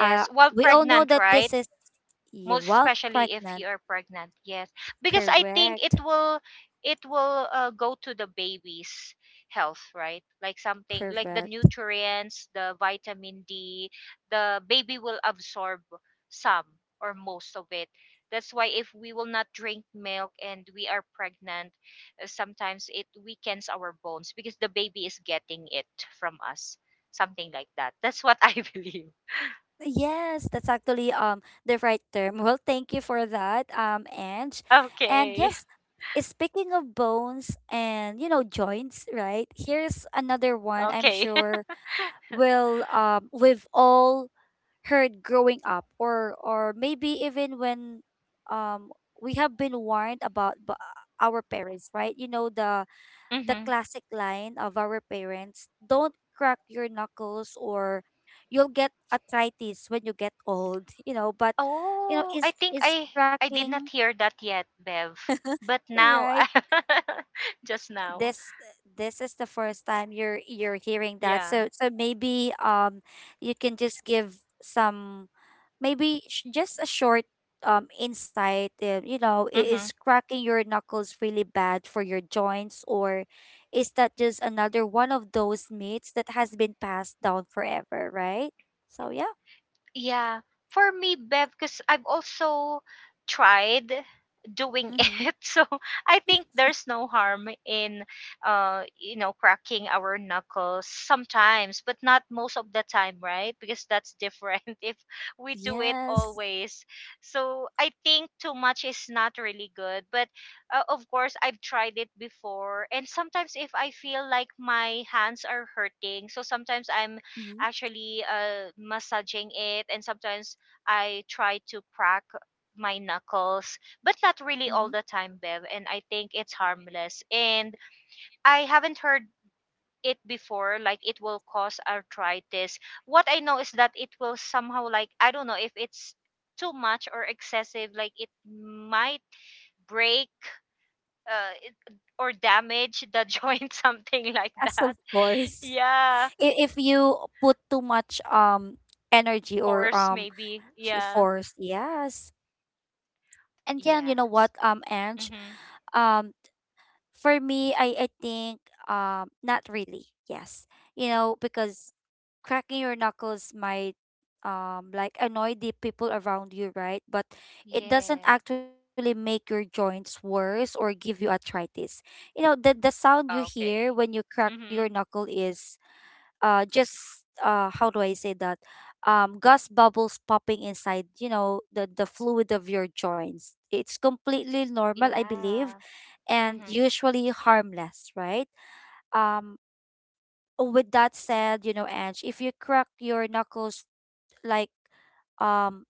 Speaker 1: uh
Speaker 2: while
Speaker 1: we all know
Speaker 2: pregnant,
Speaker 1: that this
Speaker 2: right?
Speaker 1: is yeah,
Speaker 2: Most
Speaker 1: while
Speaker 2: especially if you
Speaker 1: pregnant,
Speaker 2: are pregnant. Yes, because I think
Speaker 1: correct,
Speaker 2: it will go to the baby's health, right? Like something like the
Speaker 1: correct.
Speaker 2: nutrients, the vitamin D, the baby will absorb some or most of it. That's why if we will not drink milk and we are pregnant, sometimes it weakens our bones because the baby is getting it from us. Something like that. That's what I believe.
Speaker 1: Yes, that's actually the right term. Well, thank you for that, Ange. And
Speaker 2: Okay.
Speaker 1: yes, speaking of bones and you know joints, right? Here's another one I'm
Speaker 2: Okay.
Speaker 1: sure will we've all heard growing up or maybe even when um we have been warned about our parents, right? You know, the
Speaker 2: Mm-hmm.
Speaker 1: classic line of our parents, don't crack your knuckles or you'll get arthritis when you get old. You know, but you know,
Speaker 2: Oh, I
Speaker 1: is
Speaker 2: think
Speaker 1: is
Speaker 2: I did
Speaker 1: cracking,
Speaker 2: not hear that yet, Bev. But now,
Speaker 1: right?
Speaker 2: just now.
Speaker 1: this this is the first time you're hearing that.
Speaker 2: Yeah.
Speaker 1: So so maybe you can just give some, maybe just a short insight. You know, is
Speaker 2: Mm-hmm.
Speaker 1: cracking your knuckles really bad for your joints, or is that just another one of those myths that has been passed down forever, right? So yeah.
Speaker 2: Yeah, for me, Bev, because I've also tried doing
Speaker 1: Mm-hmm.
Speaker 2: it, so I think there's no harm in, cracking our knuckles sometimes, but not most of the time, right? Because that's different if we do it
Speaker 1: Yes.
Speaker 2: always. So I think too much is not really good, but of course I've tried it before, and sometimes if I feel like my hands are hurting, so sometimes I'm
Speaker 1: Mm-hmm.
Speaker 2: actually massaging it, and sometimes I try to crack my knuckles, but not
Speaker 1: Mm-hmm.
Speaker 2: really all the time, Bev. And I think it's harmless. And I haven't heard it before like it will cause arthritis. What I know is that it will somehow, like, I don't know if it's too much or excessive, like it might break or damage the joint, something like
Speaker 1: As
Speaker 2: that.
Speaker 1: of course.
Speaker 2: Yeah,
Speaker 1: If you put too much energy or
Speaker 2: force maybe, yeah.
Speaker 1: force, yes. And yeah, you
Speaker 2: Yeah.
Speaker 1: know what, Ange,
Speaker 2: Mhm.
Speaker 1: um for me, I think not really, yes, you know, because cracking your knuckles might like annoy the people around you, right? But it doesn't
Speaker 2: Yeah.
Speaker 1: actually make your joints worse or give you arthritis. You know, the sound you hear when
Speaker 2: Okay.
Speaker 1: you crack your
Speaker 2: Mhm.
Speaker 1: knuckle is just how do I say that? Gas bubbles popping inside, you know, the fluid of your joints. It's completely normal, I believe,
Speaker 2: Yeah.
Speaker 1: and
Speaker 2: Mhm.
Speaker 1: usually harmless, right? Um with that said, you know, Ange, if you crack your knuckles like um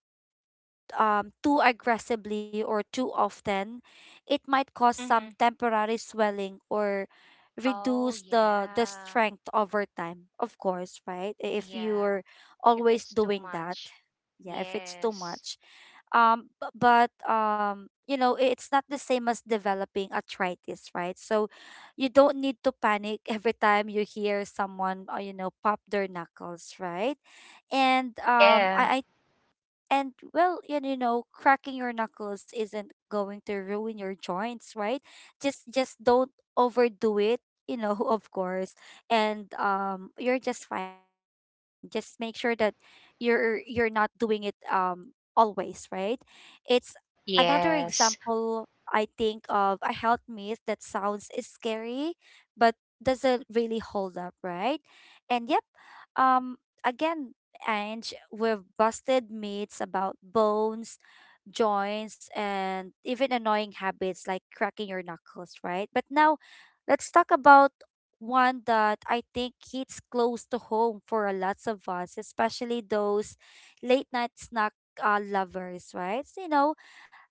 Speaker 1: too aggressively or too often, it might cause some
Speaker 2: Mhm.
Speaker 1: temporary swelling or
Speaker 2: Oh
Speaker 1: reduce the
Speaker 2: yeah.
Speaker 1: strength over time. Of course, right? If
Speaker 2: Yeah.
Speaker 1: you're
Speaker 2: If
Speaker 1: always
Speaker 2: it's too
Speaker 1: doing that,
Speaker 2: much.
Speaker 1: yeah, if it's too
Speaker 2: Yes.
Speaker 1: much. But you know, it's not the same as developing arthritis, right? So you don't need to panic every time you hear someone, you know, pop their knuckles, right? And
Speaker 2: Yeah.
Speaker 1: I and well, and you know, cracking your knuckles isn't going to ruin your joints, right? Just don't overdo it, you know, of course. And you're just fine. Just make sure that you're not doing it always, right? It's another
Speaker 2: Yes.
Speaker 1: example I think of a health myth that sounds scary but doesn't really hold up, right? And yep, um again, Ange, we've busted myths about bones, joints, and even annoying habits like cracking your knuckles, right? But now, let's talk about one that I think hits close to home for a lots of us, especially those late night snack lovers, right? So, you know,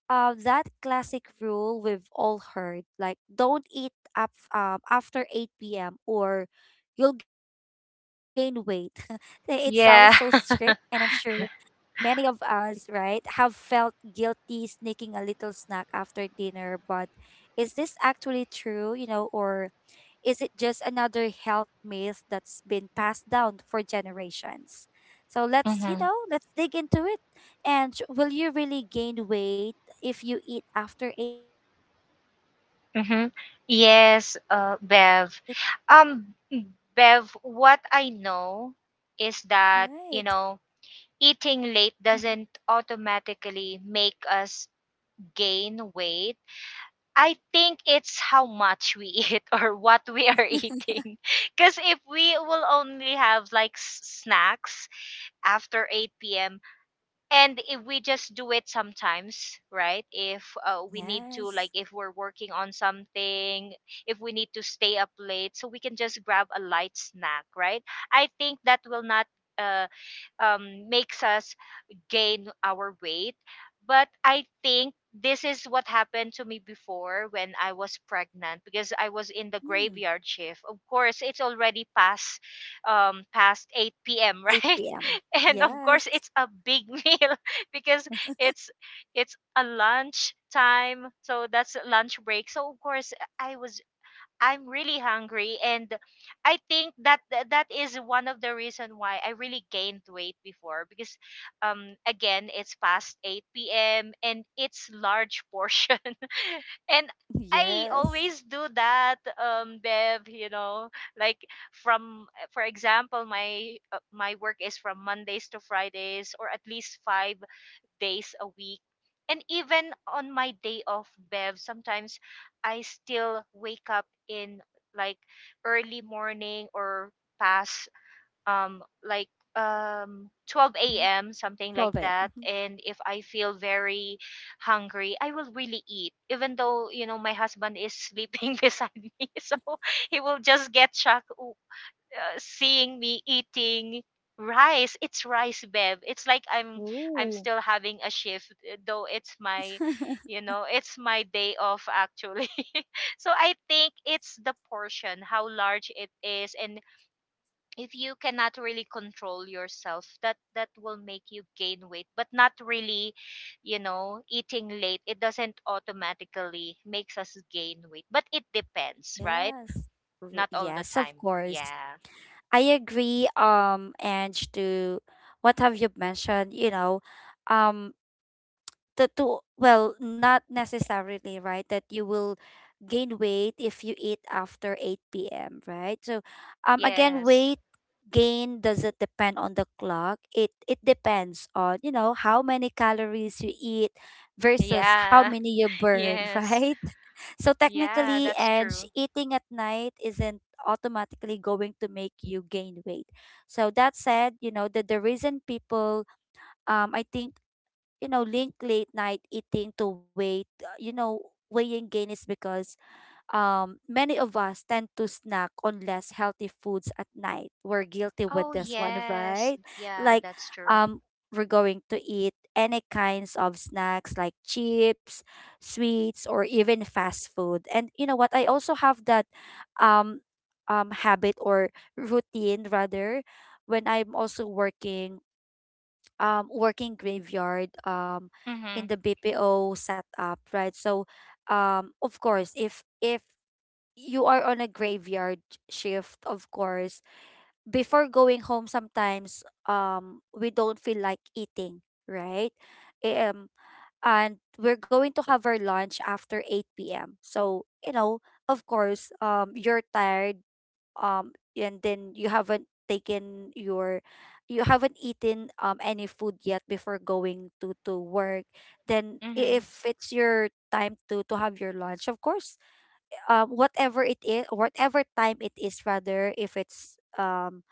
Speaker 1: that classic rule we've all heard, like don't eat up after 8 p.m. or you'll gain weight. It sounds so strict, and
Speaker 2: Yeah.
Speaker 1: I'm sure many of us, right, have felt guilty sneaking a little snack after dinner, but is this actually true, you know, or is it just another health myth that's been passed down for generations? So let's, you
Speaker 2: Mhm.
Speaker 1: know, let's dig into it. And will you really gain weight if you eat after 8 p.m.?
Speaker 2: Mhm. Yes,
Speaker 1: Mm-hmm.
Speaker 2: Bev. Um Bev, what I know
Speaker 1: Right.
Speaker 2: is that, you know,
Speaker 1: Mm-hmm.
Speaker 2: eating late doesn't automatically make us gain weight. I think it's how much we eat or what we are eating. Because if we will only have like snacks after 8 p.m., and if we just do it sometimes, right? If we need to,
Speaker 1: Yes.
Speaker 2: like, if we're working on something, if we need to stay up late, so we can just grab a light snack, right? I think that will not. Uh, makes us gain our weight. But I think this is what happened to me before when I was pregnant because I was in the
Speaker 1: Mm.
Speaker 2: graveyard shift. Of course, it's already past past 8 p.m., right?
Speaker 1: 8 p.m.
Speaker 2: And of
Speaker 1: Yes.
Speaker 2: course, it's a big meal because it's it's a lunch time. So that's lunch break. So of course, I'm really hungry, and I think that that is one of the reason why I really gained weight before because again it's past 8 p.m. and it's large portion, and I
Speaker 1: Yes.
Speaker 2: always do that, Bev. You know, like from, for example, my my work is from Mondays to Fridays, or at least 5 days a week. And even on my day off, Bev, sometimes I still wake up in like early morning or past um like 12
Speaker 1: Hmm.
Speaker 2: a.m. something like
Speaker 1: 12 a.m.
Speaker 2: that.
Speaker 1: Mm-hmm.
Speaker 2: And if I feel very hungry, I will really eat. Even though, you know, my husband is sleeping beside me. So he will just get shocked. "Oh, seeing me eating rice. It's rice, babe. It's like I'm
Speaker 1: Ooh.
Speaker 2: still having a shift, though it's my, you know, it's my day off actually." So I think it's the portion, how large it is, and if you cannot really control yourself, that will make you gain weight. But not really, you know, eating late, it doesn't automatically makes us gain weight, but it depends, right?
Speaker 1: Yes.
Speaker 2: Not all the
Speaker 1: Yes, of
Speaker 2: time.
Speaker 1: course.
Speaker 2: Yeah.
Speaker 1: I agree, Ange, to what have you mentioned, you know, um, the to well, not necessarily, right, that you will gain weight if you eat after 8 p.m., right? So, again,
Speaker 2: Yes.
Speaker 1: weight gain doesn't depend on the clock. It depends on, you know, how many calories you eat versus how
Speaker 2: Yeah.
Speaker 1: many you burn,
Speaker 2: Yes.
Speaker 1: right? So
Speaker 2: Yeah,
Speaker 1: technically,
Speaker 2: that's
Speaker 1: and
Speaker 2: true.
Speaker 1: eating at night isn't automatically going to make you gain weight. So that said, you know, that the reason people, I think, you know, link late night eating to weight, you know, weighing gain is because many of us tend to snack on less healthy foods at night. We're guilty with
Speaker 2: Oh,
Speaker 1: this one,
Speaker 2: yes.
Speaker 1: right?
Speaker 2: Yeah,
Speaker 1: Like,
Speaker 2: that's true.
Speaker 1: um, we're going to eat any kinds of snacks like chips, sweets, or even fast food. And you know what? I also have that um, habit or routine rather when I'm also working, working graveyard in
Speaker 2: Mhm.
Speaker 1: the BPO setup, right? So, of course, if you are on a graveyard shift, of course. Before going home, sometimes we don't feel like eating, right? Eh, Um, and we're going to have our lunch after eight p.m. So you know, of course, you're tired, and then you haven't taken your you haven't eaten any food yet before going to work then
Speaker 2: Mhm.
Speaker 1: if it's your time to have your lunch of course whatever it is whatever time it is rather if it's um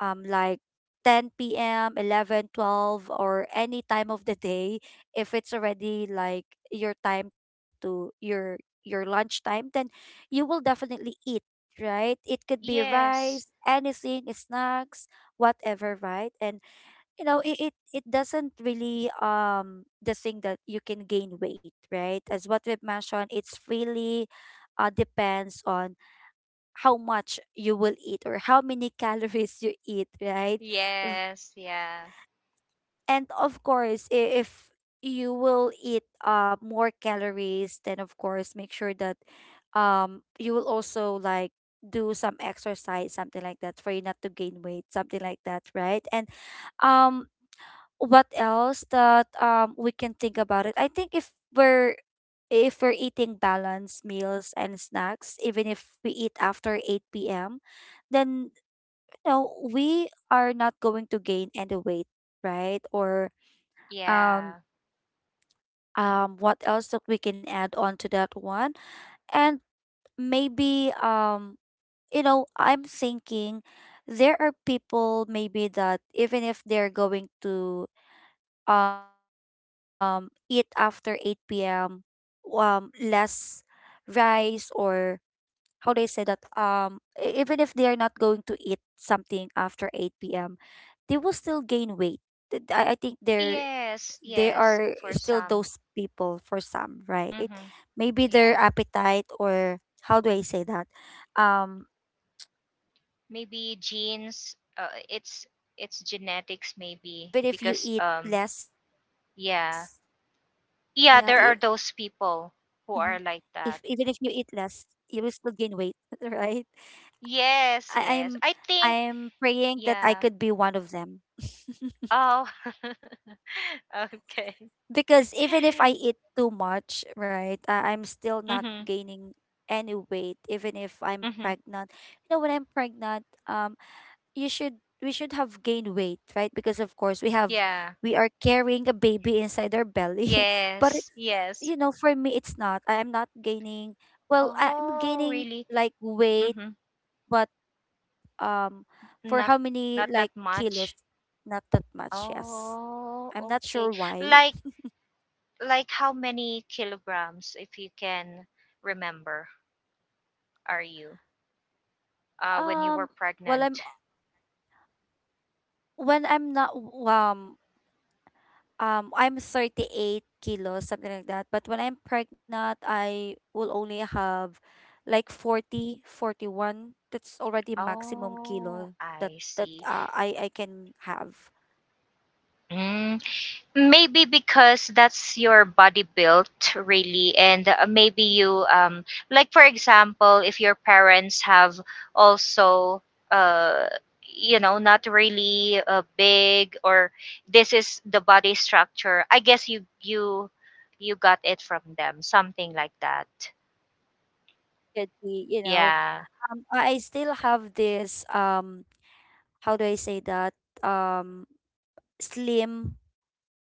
Speaker 1: um like 10 p.m, 11, 12, or any time of the day, if it's already like your time to your lunch time, then you will definitely eat, right? It could be rice,
Speaker 2: Yes.
Speaker 1: anything, snacks, whatever, right? And you know it it doesn't really the thing that you can gain weight, right? As what we've mentioned, it's really depends on how much you will eat or how many calories you eat, right? V-
Speaker 2: Yes. Yeah.
Speaker 1: and of course if you will eat more calories, then of course make sure that you will also like do some exercise, something like that, for you not to gain weight, something like that, right? And um what else that we can think about it? I think we're if we're eating balanced meals and snacks, even if we eat after 8 p.m, then you know we are not going to gain any weight, right? or um
Speaker 2: Yeah.
Speaker 1: um what else that we can add on to that one? And maybe you know, I'm thinking there are people, maybe, that even if they're going to eat after 8 p.m. Less rice, or how do I say that, even if they are not going to eat something after 8 p.m., they will still gain weight. I think they're
Speaker 2: Yes.
Speaker 1: they
Speaker 2: Yes,
Speaker 1: are
Speaker 2: for
Speaker 1: still
Speaker 2: some.
Speaker 1: those people for some, right?
Speaker 2: Mhm.
Speaker 1: Maybe their
Speaker 2: Yeah.
Speaker 1: appetite or how do I say that? Um
Speaker 2: Maybe
Speaker 1: what is it
Speaker 2: genes,
Speaker 1: called?
Speaker 2: it's
Speaker 1: If
Speaker 2: genetics
Speaker 1: even
Speaker 2: maybe,
Speaker 1: if you eat
Speaker 2: because
Speaker 1: less,
Speaker 2: yeah.
Speaker 1: yeah, e,
Speaker 2: Yeah, there are those
Speaker 1: mhm. If
Speaker 2: people
Speaker 1: even
Speaker 2: who
Speaker 1: if you
Speaker 2: are
Speaker 1: eat
Speaker 2: like
Speaker 1: less,
Speaker 2: that.
Speaker 1: you will still gain weight, right? I, I'm
Speaker 2: Yes, yes. I
Speaker 1: I'm
Speaker 2: think
Speaker 1: praying that I could be
Speaker 2: yeah.
Speaker 1: one of them.
Speaker 2: Oh. Okay.
Speaker 1: Because even if I eat too much, right, I'm still not
Speaker 2: Mhm.
Speaker 1: gaining any weight, even if I'm
Speaker 2: Mhm.
Speaker 1: pregnant. You know, when I'm pregnant, um, you should we should have gained weight, right? Because of course
Speaker 2: Yeah.
Speaker 1: we are carrying a baby inside our belly, but
Speaker 2: Yes. Yes.
Speaker 1: you know, for me, it's not. I am not gaining. Well, I'm
Speaker 2: Oh,
Speaker 1: gaining
Speaker 2: really?
Speaker 1: like weight,
Speaker 2: Mhm.
Speaker 1: but um, for
Speaker 2: Not
Speaker 1: how many
Speaker 2: Not that
Speaker 1: like
Speaker 2: much.
Speaker 1: kilos? Not that much. Yes,
Speaker 2: Oh,
Speaker 1: I'm not sure
Speaker 2: okay.
Speaker 1: why.
Speaker 2: Like like how many kilograms, if you can remember, are you when you
Speaker 1: Um,
Speaker 2: were
Speaker 1: well, I'm
Speaker 2: pregnant?
Speaker 1: when I'm not um I'm 38 kilos, something like that. But when I'm pregnant, I will only have like 40, 41. That's already maximum
Speaker 2: Oh,
Speaker 1: kilo that
Speaker 2: I
Speaker 1: that
Speaker 2: see.
Speaker 1: uh, I can have.
Speaker 2: Mm, maybe because that's your body built really, and maybe you, like for example if your parents have also uh you know, not really big, or this is the body structure, I guess you you got it from them, something like that.
Speaker 1: Could be, you know.
Speaker 2: Yeah.
Speaker 1: I still have this how do I say that? Um slim,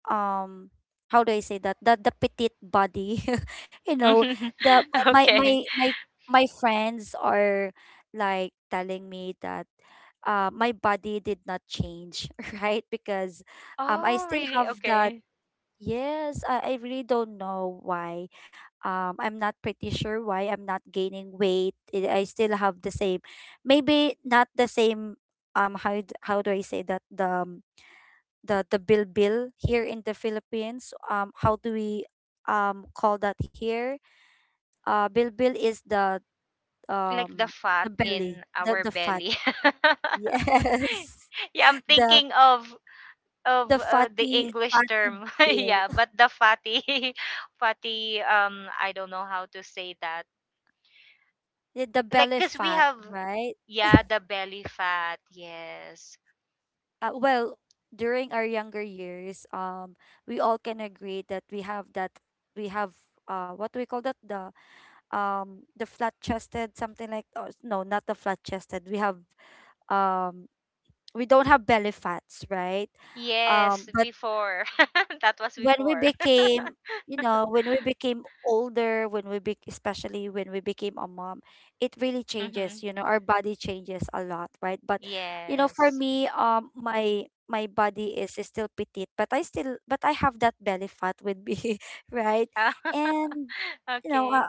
Speaker 1: um how do I say that? That the petite body. You know, the my
Speaker 2: Okay.
Speaker 1: my my my friends are like telling me that my body did not change, right? Because I
Speaker 2: Oh
Speaker 1: still
Speaker 2: really,
Speaker 1: have that.
Speaker 2: okay.
Speaker 1: Yes, I really don't know why. I'm not pretty sure why I'm not gaining weight. I still have the same, maybe not the same. How do I say that, the bill bill here in the Philippines? How do we call that here? Bill bill is
Speaker 2: Like the
Speaker 1: um
Speaker 2: fat
Speaker 1: the belly,
Speaker 2: in our
Speaker 1: the fat.
Speaker 2: belly.
Speaker 1: Yes,
Speaker 2: Yeah, I'm
Speaker 1: the
Speaker 2: thinking of
Speaker 1: the
Speaker 2: the
Speaker 1: fatty
Speaker 2: English
Speaker 1: fatty
Speaker 2: term.
Speaker 1: bill,
Speaker 2: Yeah, but the fatty, fatty, I don't know how to say that.
Speaker 1: the
Speaker 2: Like
Speaker 1: belly
Speaker 2: cuz we
Speaker 1: fat,
Speaker 2: have,
Speaker 1: right?
Speaker 2: yeah, the belly fat. Yes.
Speaker 1: Well, during our younger years we all can agree that we have we have what do we call that, the flat chested, something like, oh, no, not the flat chested, we have um we don't have belly fats, right?
Speaker 2: Yes,
Speaker 1: But
Speaker 2: before. That was
Speaker 1: when we
Speaker 2: before.
Speaker 1: became, you know, when we became older, when we especially when we became a mom, it really changes,
Speaker 2: Mhm.
Speaker 1: you know. Our body changes a lot, right? But you know, for
Speaker 2: Yes.
Speaker 1: me, my body is still petite, but I still but I have that belly fat with me, right? And you know,
Speaker 2: Okay.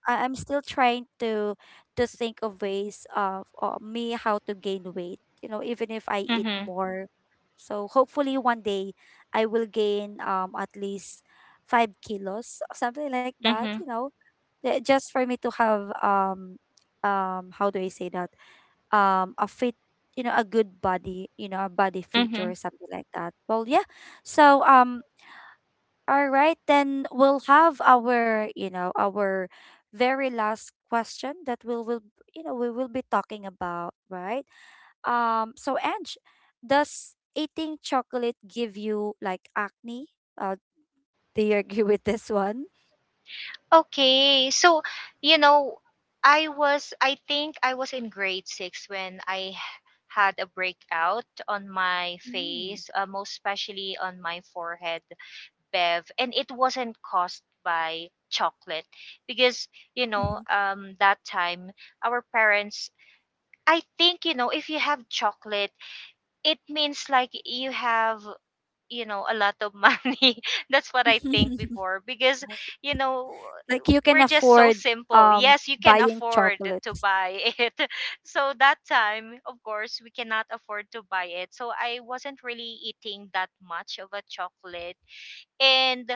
Speaker 1: I'm still trying to think of ways of me how to gain weight, you know, even if I eat
Speaker 2: Mhm.
Speaker 1: more. So hopefully one day I will gain at least 5 kilos, something like that, you
Speaker 2: Mhm.
Speaker 1: know, just for me to have how do I say that, a fit, you know, a good body, you know, a body feature or
Speaker 2: Mhm.
Speaker 1: something like that, well, yeah. So all right, then we'll have our, you know, our very last question that we will, you know, we will be talking about, right? So Ange, does eating chocolate give you like acne? Uh, do you agree with this one?
Speaker 2: Okay. So, you know, I think I was in grade 6 when I had a breakout on my
Speaker 1: Mm.
Speaker 2: face, most especially on my forehead, Bev, and it wasn't caused by chocolate because, you know, that time our parents, I think, you know, if you have chocolate, it means like you have, you know, a lot of money. That's what I think
Speaker 1: Mm-hmm.
Speaker 2: before, because, you know,
Speaker 1: Like you can
Speaker 2: we're just so
Speaker 1: afford
Speaker 2: simple.
Speaker 1: um
Speaker 2: Yes, you can
Speaker 1: buying
Speaker 2: afford to
Speaker 1: chocolates.
Speaker 2: buy it. So that time of course we cannot afford to buy it, so I wasn't really eating that much of a chocolate. And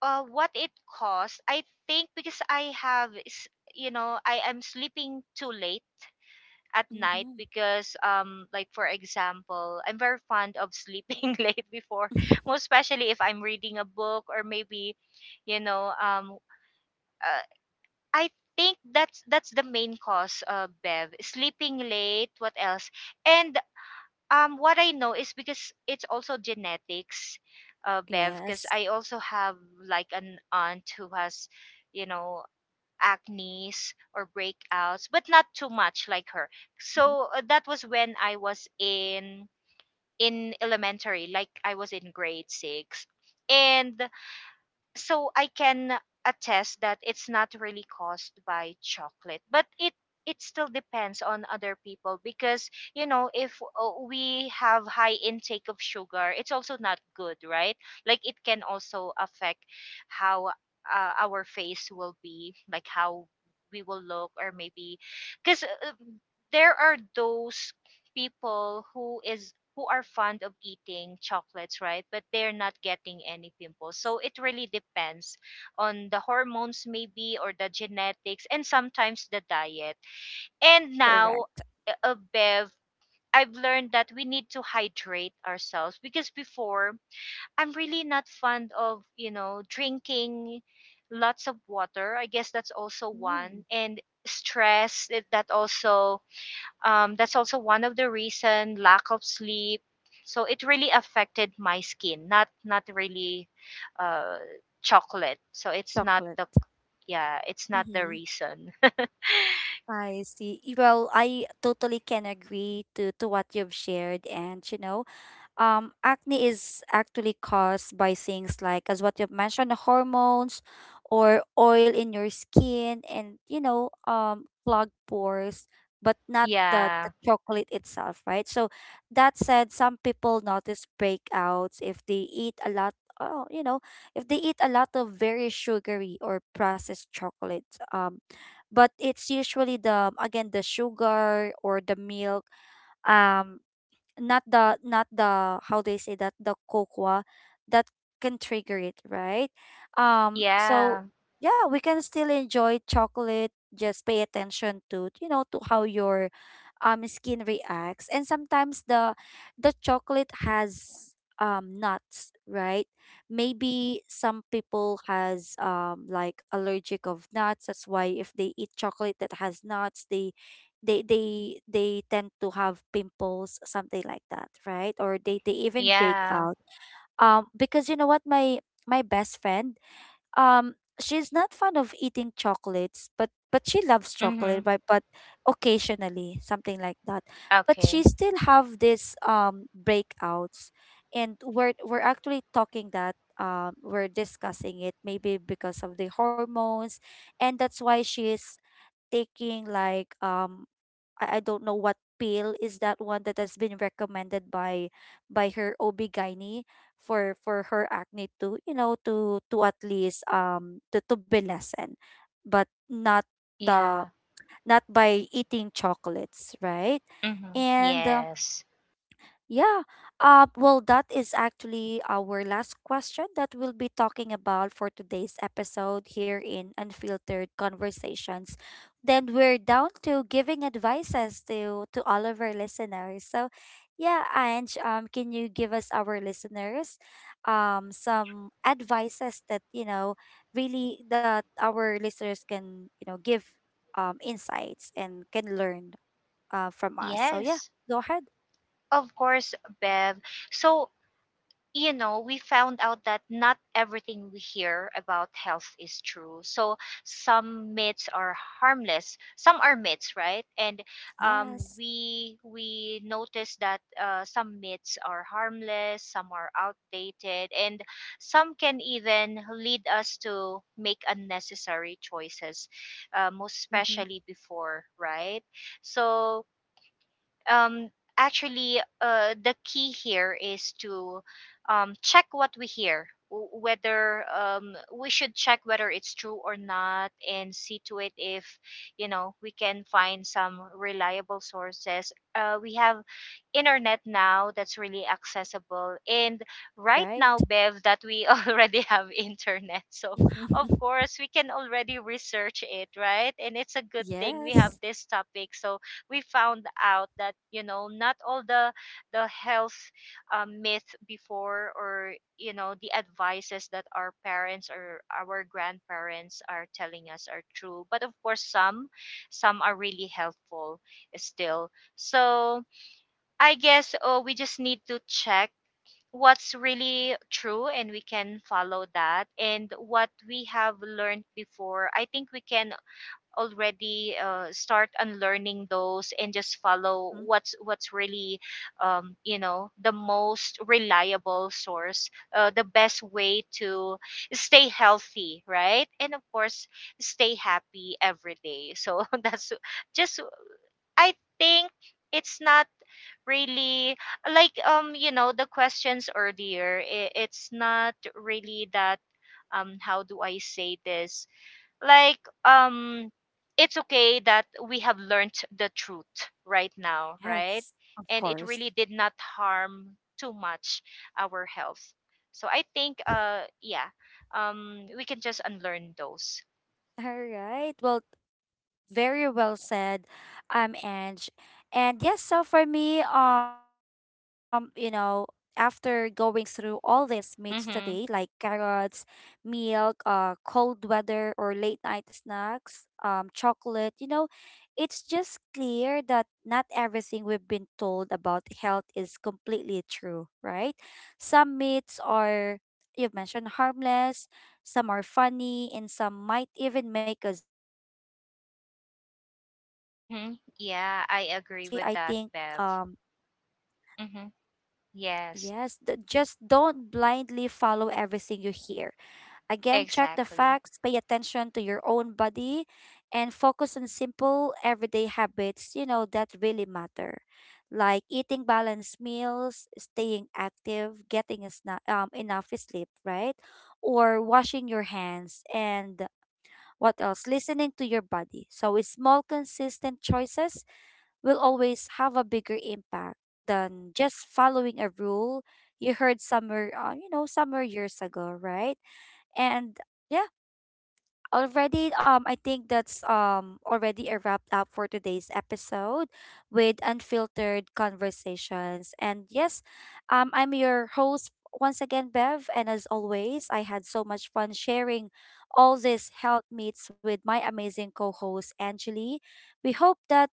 Speaker 2: what it cost, I think, because I have you know, I am sleeping too late at night,
Speaker 1: Mm-hmm.
Speaker 2: because like for example I'm very fond of sleeping late before, most especially if I'm reading a book, or maybe, you know um uh, I think that's the main cause, Bev, sleeping late. What else? And what I know is because it's also genetics, Bev, because
Speaker 1: Yes.
Speaker 2: I also have like an aunt who has, you know, acnes or breakouts, but not too much like
Speaker 1: Mm-hmm.
Speaker 2: her. So that was when I was in elementary, like I was in grade six, and so I can attest that it's not really caused by chocolate, but it still depends on other people, because you know if we have high intake of sugar, it's also not good, right?
Speaker 1: Yes.
Speaker 2: Like it can also affect how our face will be, like how we will look, or maybe because there are those people who are fond of eating chocolates, right? But they're not getting any pimples. So it really depends on the hormones, maybe, or the genetics, and sometimes the diet. And now,
Speaker 1: Correct.
Speaker 2: Bev, I've learned that we need to hydrate ourselves because before I'm really not fond of, you know, drinking lots of water. I guess that's also
Speaker 1: Mm.
Speaker 2: one. And stress, that also, that's also one of the reason, lack of sleep. So it really affected my skin, not not really uh, chocolate. So it's not
Speaker 1: Chocolate.
Speaker 2: the, yeah, it's not the
Speaker 1: Mm-hmm.
Speaker 2: reason.
Speaker 1: I see. Well, I totally can agree to what you've shared, and you know, acne is actually caused by things like, as what you've mentioned, the hormones or oil in your skin and, you know, clogged pores, but not the
Speaker 2: Yeah,
Speaker 1: chocolate itself, right? So that said, some people notice breakouts if they eat a lot. Oh, you know, if they eat a lot of very sugary or processed chocolate, um, but it's usually the, again, the sugar or the milk, um, not the not the how they say that, the cocoa that can trigger it, right?
Speaker 2: yeah,
Speaker 1: So yeah, we can still enjoy chocolate, just pay attention to, you know, to how your skin reacts. And sometimes the chocolate has nuts, right? Maybe some people has like allergic of nuts, that's why if they eat chocolate that has nuts they they tend to have pimples, something like that, right? Or they even break
Speaker 2: yeah.
Speaker 1: out, because you know what, my best friend, um she's not fond of eating chocolates, but she loves chocolate,
Speaker 2: Mm-hmm.
Speaker 1: right? But occasionally, something like that. But she
Speaker 2: Okay.
Speaker 1: still have this breakouts, and we're actually talking that, we're discussing it, maybe because of the hormones, and that's why she's taking like I don't know what pill is that one that has been recommended by her OB-GYN for her acne to, you know, to at least to be lessened, but not the
Speaker 2: Yeah.
Speaker 1: not by eating chocolates, right?
Speaker 2: Mm-hmm.
Speaker 1: And
Speaker 2: Yes.
Speaker 1: yeah. Well, that is actually our last question that we'll be talking about for today's episode here in Unfiltered Conversations. Then we're down to giving advices to all of our listeners. So, yeah, Ange, can you give us our listeners, some advices that you know really that our listeners can, you know, give insights and can learn, from us. So yeah,
Speaker 2: Yes.
Speaker 1: go ahead.
Speaker 2: Of course, Bev. So you know, we found out that not everything we hear about health is true. So some myths are harmless, some are myths, right? And
Speaker 1: Yes.
Speaker 2: we notice that some myths are harmless, some are outdated, and some can even lead us to make unnecessary choices, most
Speaker 1: Mm-hmm.
Speaker 2: especially before, right? So um actually the key here is to check what we hear, whether we should check whether it's true or not, and see to it if, you know, we can find some reliable sources. We have internet now that's really accessible, and right
Speaker 1: Right?
Speaker 2: now, Bev, that we already have internet, so of course we can already research it, right? And it's a good thing we have
Speaker 1: Yes.
Speaker 2: this topic. So we found out that, you know, not all the health myth before, or you know the advices that our parents or our grandparents are telling us, are true, but of course some are really helpful still. So I guess, oh, we just need to check what's really true, and we can follow that, and what we have learned before, I think we can already, start unlearning those and just follow
Speaker 1: Mhm.
Speaker 2: what's really, you know, the most reliable source, the best way to stay healthy, right? And of course stay happy every day. So that's just, I think, it's not really like, you know, the questions earlier, it's not really that, how do I say this, like, um it's okay that we have learned the truth right now, right?
Speaker 1: Yes, of
Speaker 2: And it
Speaker 1: course.
Speaker 2: really did not harm too much our health. So I think, yeah, we can just unlearn those.
Speaker 1: All right. Well, very well said, Ange. And yes, so for me, you know, after going through all these meats today, like
Speaker 2: Mhm.
Speaker 1: carrots, milk, cold weather or late night snacks, chocolate, you know, it's just clear that not everything we've been told about health is completely true, right? Some meats are, you've mentioned, harmless, some are funny, and some might even make us worry for no reason, right? You know,
Speaker 2: Mhm.
Speaker 1: the big
Speaker 2: Yeah, I agree
Speaker 1: takeaway
Speaker 2: with
Speaker 1: I
Speaker 2: that,
Speaker 1: think
Speaker 2: Bev.
Speaker 1: um
Speaker 2: Mhm. Yes.
Speaker 1: yes, just don't blindly follow everything you hear. Again, check the
Speaker 2: Exactly.
Speaker 1: facts, pay attention to your own body, and focus on simple everyday habits, you know, that really matter. Like eating balanced meals, staying active, getting a enough sleep, right? Or washing your hands, and what else? Listening to your body. So, with small, consistent choices will always have a bigger impact than just following a rule you heard somewhere, you know, somewhere years ago, right? And yeah, already I think that's already a wrap up for today's episode with Unfiltered Conversations. And yes, I'm your host once again, Bev, and as always, I had so much fun sharing all these health meets with my amazing co-host Angeli. We hope that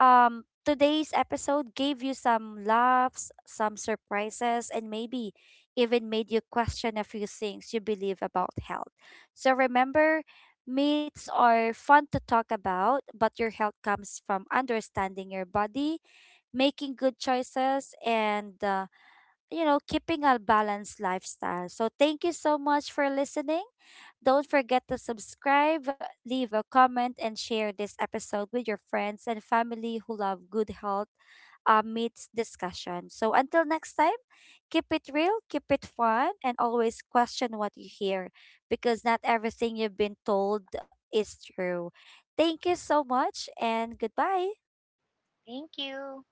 Speaker 1: today's episode gave you some laughs, some surprises, and maybe even made you question a few things you believe about health. So remember, myths are fun to talk about, but your health comes from understanding your body, making good choices, and you know, keeping a balanced lifestyle. So thank you so much for listening. Don't forget to subscribe, leave a comment, and share this episode with your friends and family who love good health meets discussion. So until next time, keep it real, keep it fun, and always question what you hear because not everything you've been told is true. Thank you so much and goodbye.
Speaker 2: Thank you.